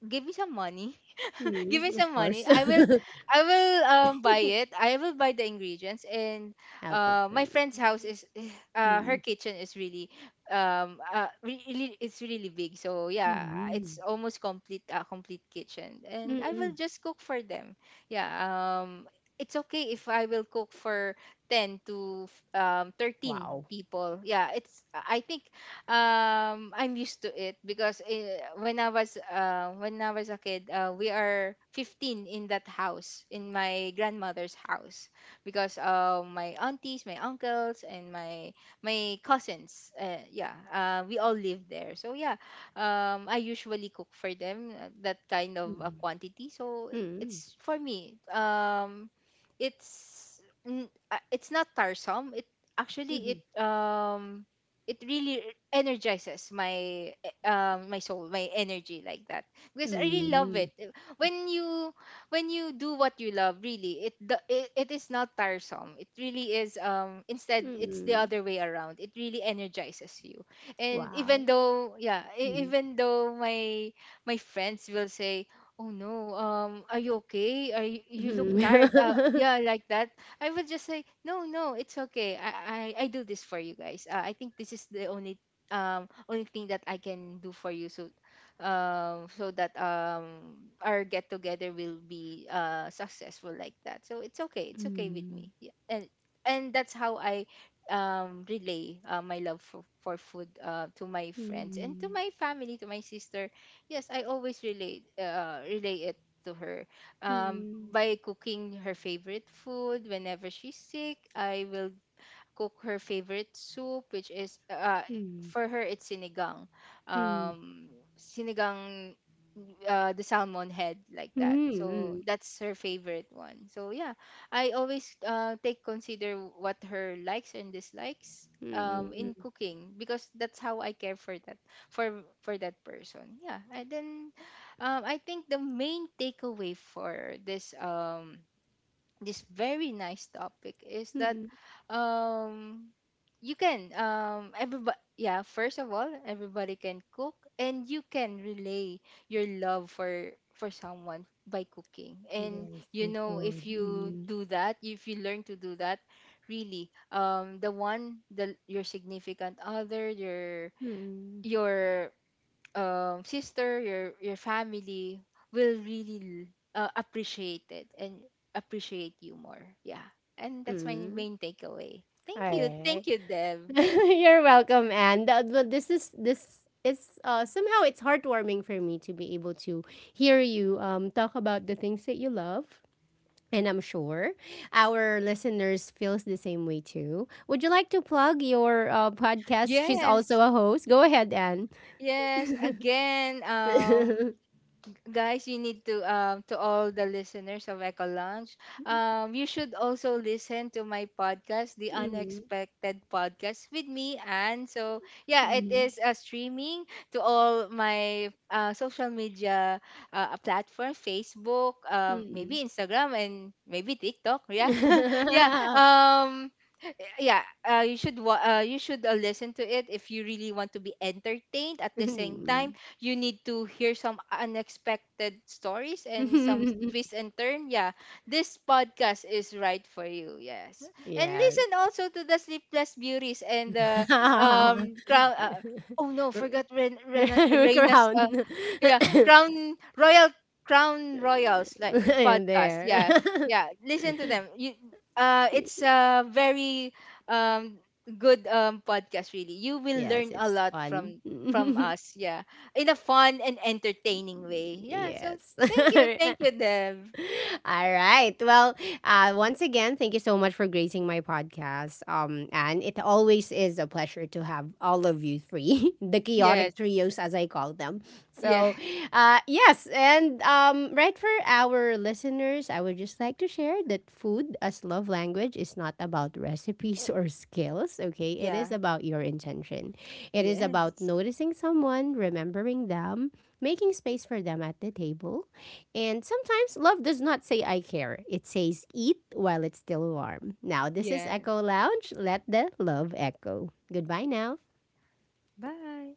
B: give me some money. Give me
A: mm, of
B: some money.
A: course.
B: I will, I will buy it. I will buy the ingredients. And
A: I'll go for
B: my
A: you.
B: friend's house is her
A: Mm,
B: kitchen is really really, it's really big. So yeah,
A: mm,
B: it's almost complete kitchen, and I will
A: mm,
B: just cook for them. Yeah. It's okay if I will cook for 10 to 13
A: wow.
B: people. Yeah, it's, I think I'm used to it because, when I was, when I was a kid, we are 15 in that house, in my grandmother's house, because, my aunties, my uncles, and my cousins, yeah, we all live there. So yeah, I usually cook for them, that kind of a
A: Mm,
B: quantity. So
A: mm,
B: it's for me. It's it's not tiresome. It actually
A: mm,
B: it it really energizes my, my soul, my energy, like that, because I really love it.
A: mm,
B: When you, when you do what you love, really it it is not tiresome. It really is, instead it's the
A: mm,
B: other way around. It really energizes you. And even
A: wow.
B: though, yeah,
A: Mm,
B: even though my friends will say, oh no, um, are you okay, are you, you look tired,
A: mm,
B: yeah, like that, I would just say, no, no, it's okay. I do this for you guys. I think this is the only only thing that I can do for you. So, so that, um, our get together will be, uh, successful, like that. So it's okay. It's okay with
A: mm,
B: me. Yeah. And that's how I, um, relay, my love for food, uh, to my friends and to my family, to my sister. Yes, I always relate relay it to her,
A: mm,
B: by cooking her favorite food. Whenever she's sick, I will cook her favorite soup, which is, for her it's sinigang,
A: mm.
B: um, sinigang, the salmon head, like that.
A: Mm,
B: So
A: mm,
B: that's her favorite one. So yeah, I always, take, consider what her likes and dislikes,
A: hmm.
B: in cooking, because that's how I care for that, for that person. Yeah, and then, I think the main takeaway for this, this very nice topic, is
A: Mm,
B: that,
A: hmm.
B: um you can, everybody, yeah, first of all, everybody can cook, and you can relay your love for someone by cooking. And
A: Yes,
B: you
A: through
B: know,
A: food.
B: if you
A: Mm,
B: do that, if you learn to do that, really, the one the your significant other, your
A: mm,
B: your sister, your family will really, appreciate it and appreciate you more. Yeah. And that's my
A: mm.
B: main takeaway.
A: All
B: Thank you.
A: right.
B: Thank you, Deb.
A: You're welcome, Anne. This is somehow it's heartwarming for me to be able to hear you talk about the things that you love. And I'm sure our listeners feels the same way too. Would you like to plug your podcast? She's
B: Yes,
A: also a host. Go ahead, Anne.
B: yes. Again, guys, you need to, to all the listeners of Echo Lounge, you should also listen to my podcast, The
A: mm,
B: Unexpected Podcast, with me. And so, yeah, it
A: mm,
B: is, streaming to all my, social media, platform, Facebook,
A: mm.
B: maybe Instagram, and maybe TikTok. Yeah. Yeah. Yeah, you should you should, listen to it. If you really want to be entertained, at the same time
A: Mhm.
B: you need to hear some unexpected stories and some twist and turn, yeah, this podcast is right for you. Yes. And
A: Yes.
B: listen also to The Sleepless Beauties, and the,
A: R
B: crown, oh no, forgot
A: r
B: Reina's,
A: crown.
B: yeah, Crown Royal, Crown Royals, like,
A: In
B: podcast.
A: there.
B: Yeah. Yeah, listen to them. You, it's a very, um good, podcast, really. You will
A: Yes,
B: learn a
A: it's
B: lot
A: fun.
B: from us. Yeah, in a fun and entertaining way. Yeah. So
A: Yes.
B: thank you. Thank you, Dev.
A: All right. Well, once again, thank you so much for gracing my podcast. And it always is a pleasure to have all of you three, the
B: Yes.
A: chaotic trios as I call them.
B: Yeah.
A: So, yes, and right, for our listeners, I would just like to share that food as love language is not about recipes or skills. Okay, it
B: Yeah.
A: is about your intention. It is about
B: Yes.
A: noticing someone, remembering them, making space for them at the table, and sometimes love does not say I care. It says eat while it's still warm. Now this is
B: Yeah.
A: Echo Lounge. Let the love echo. Goodbye now.
B: Bye.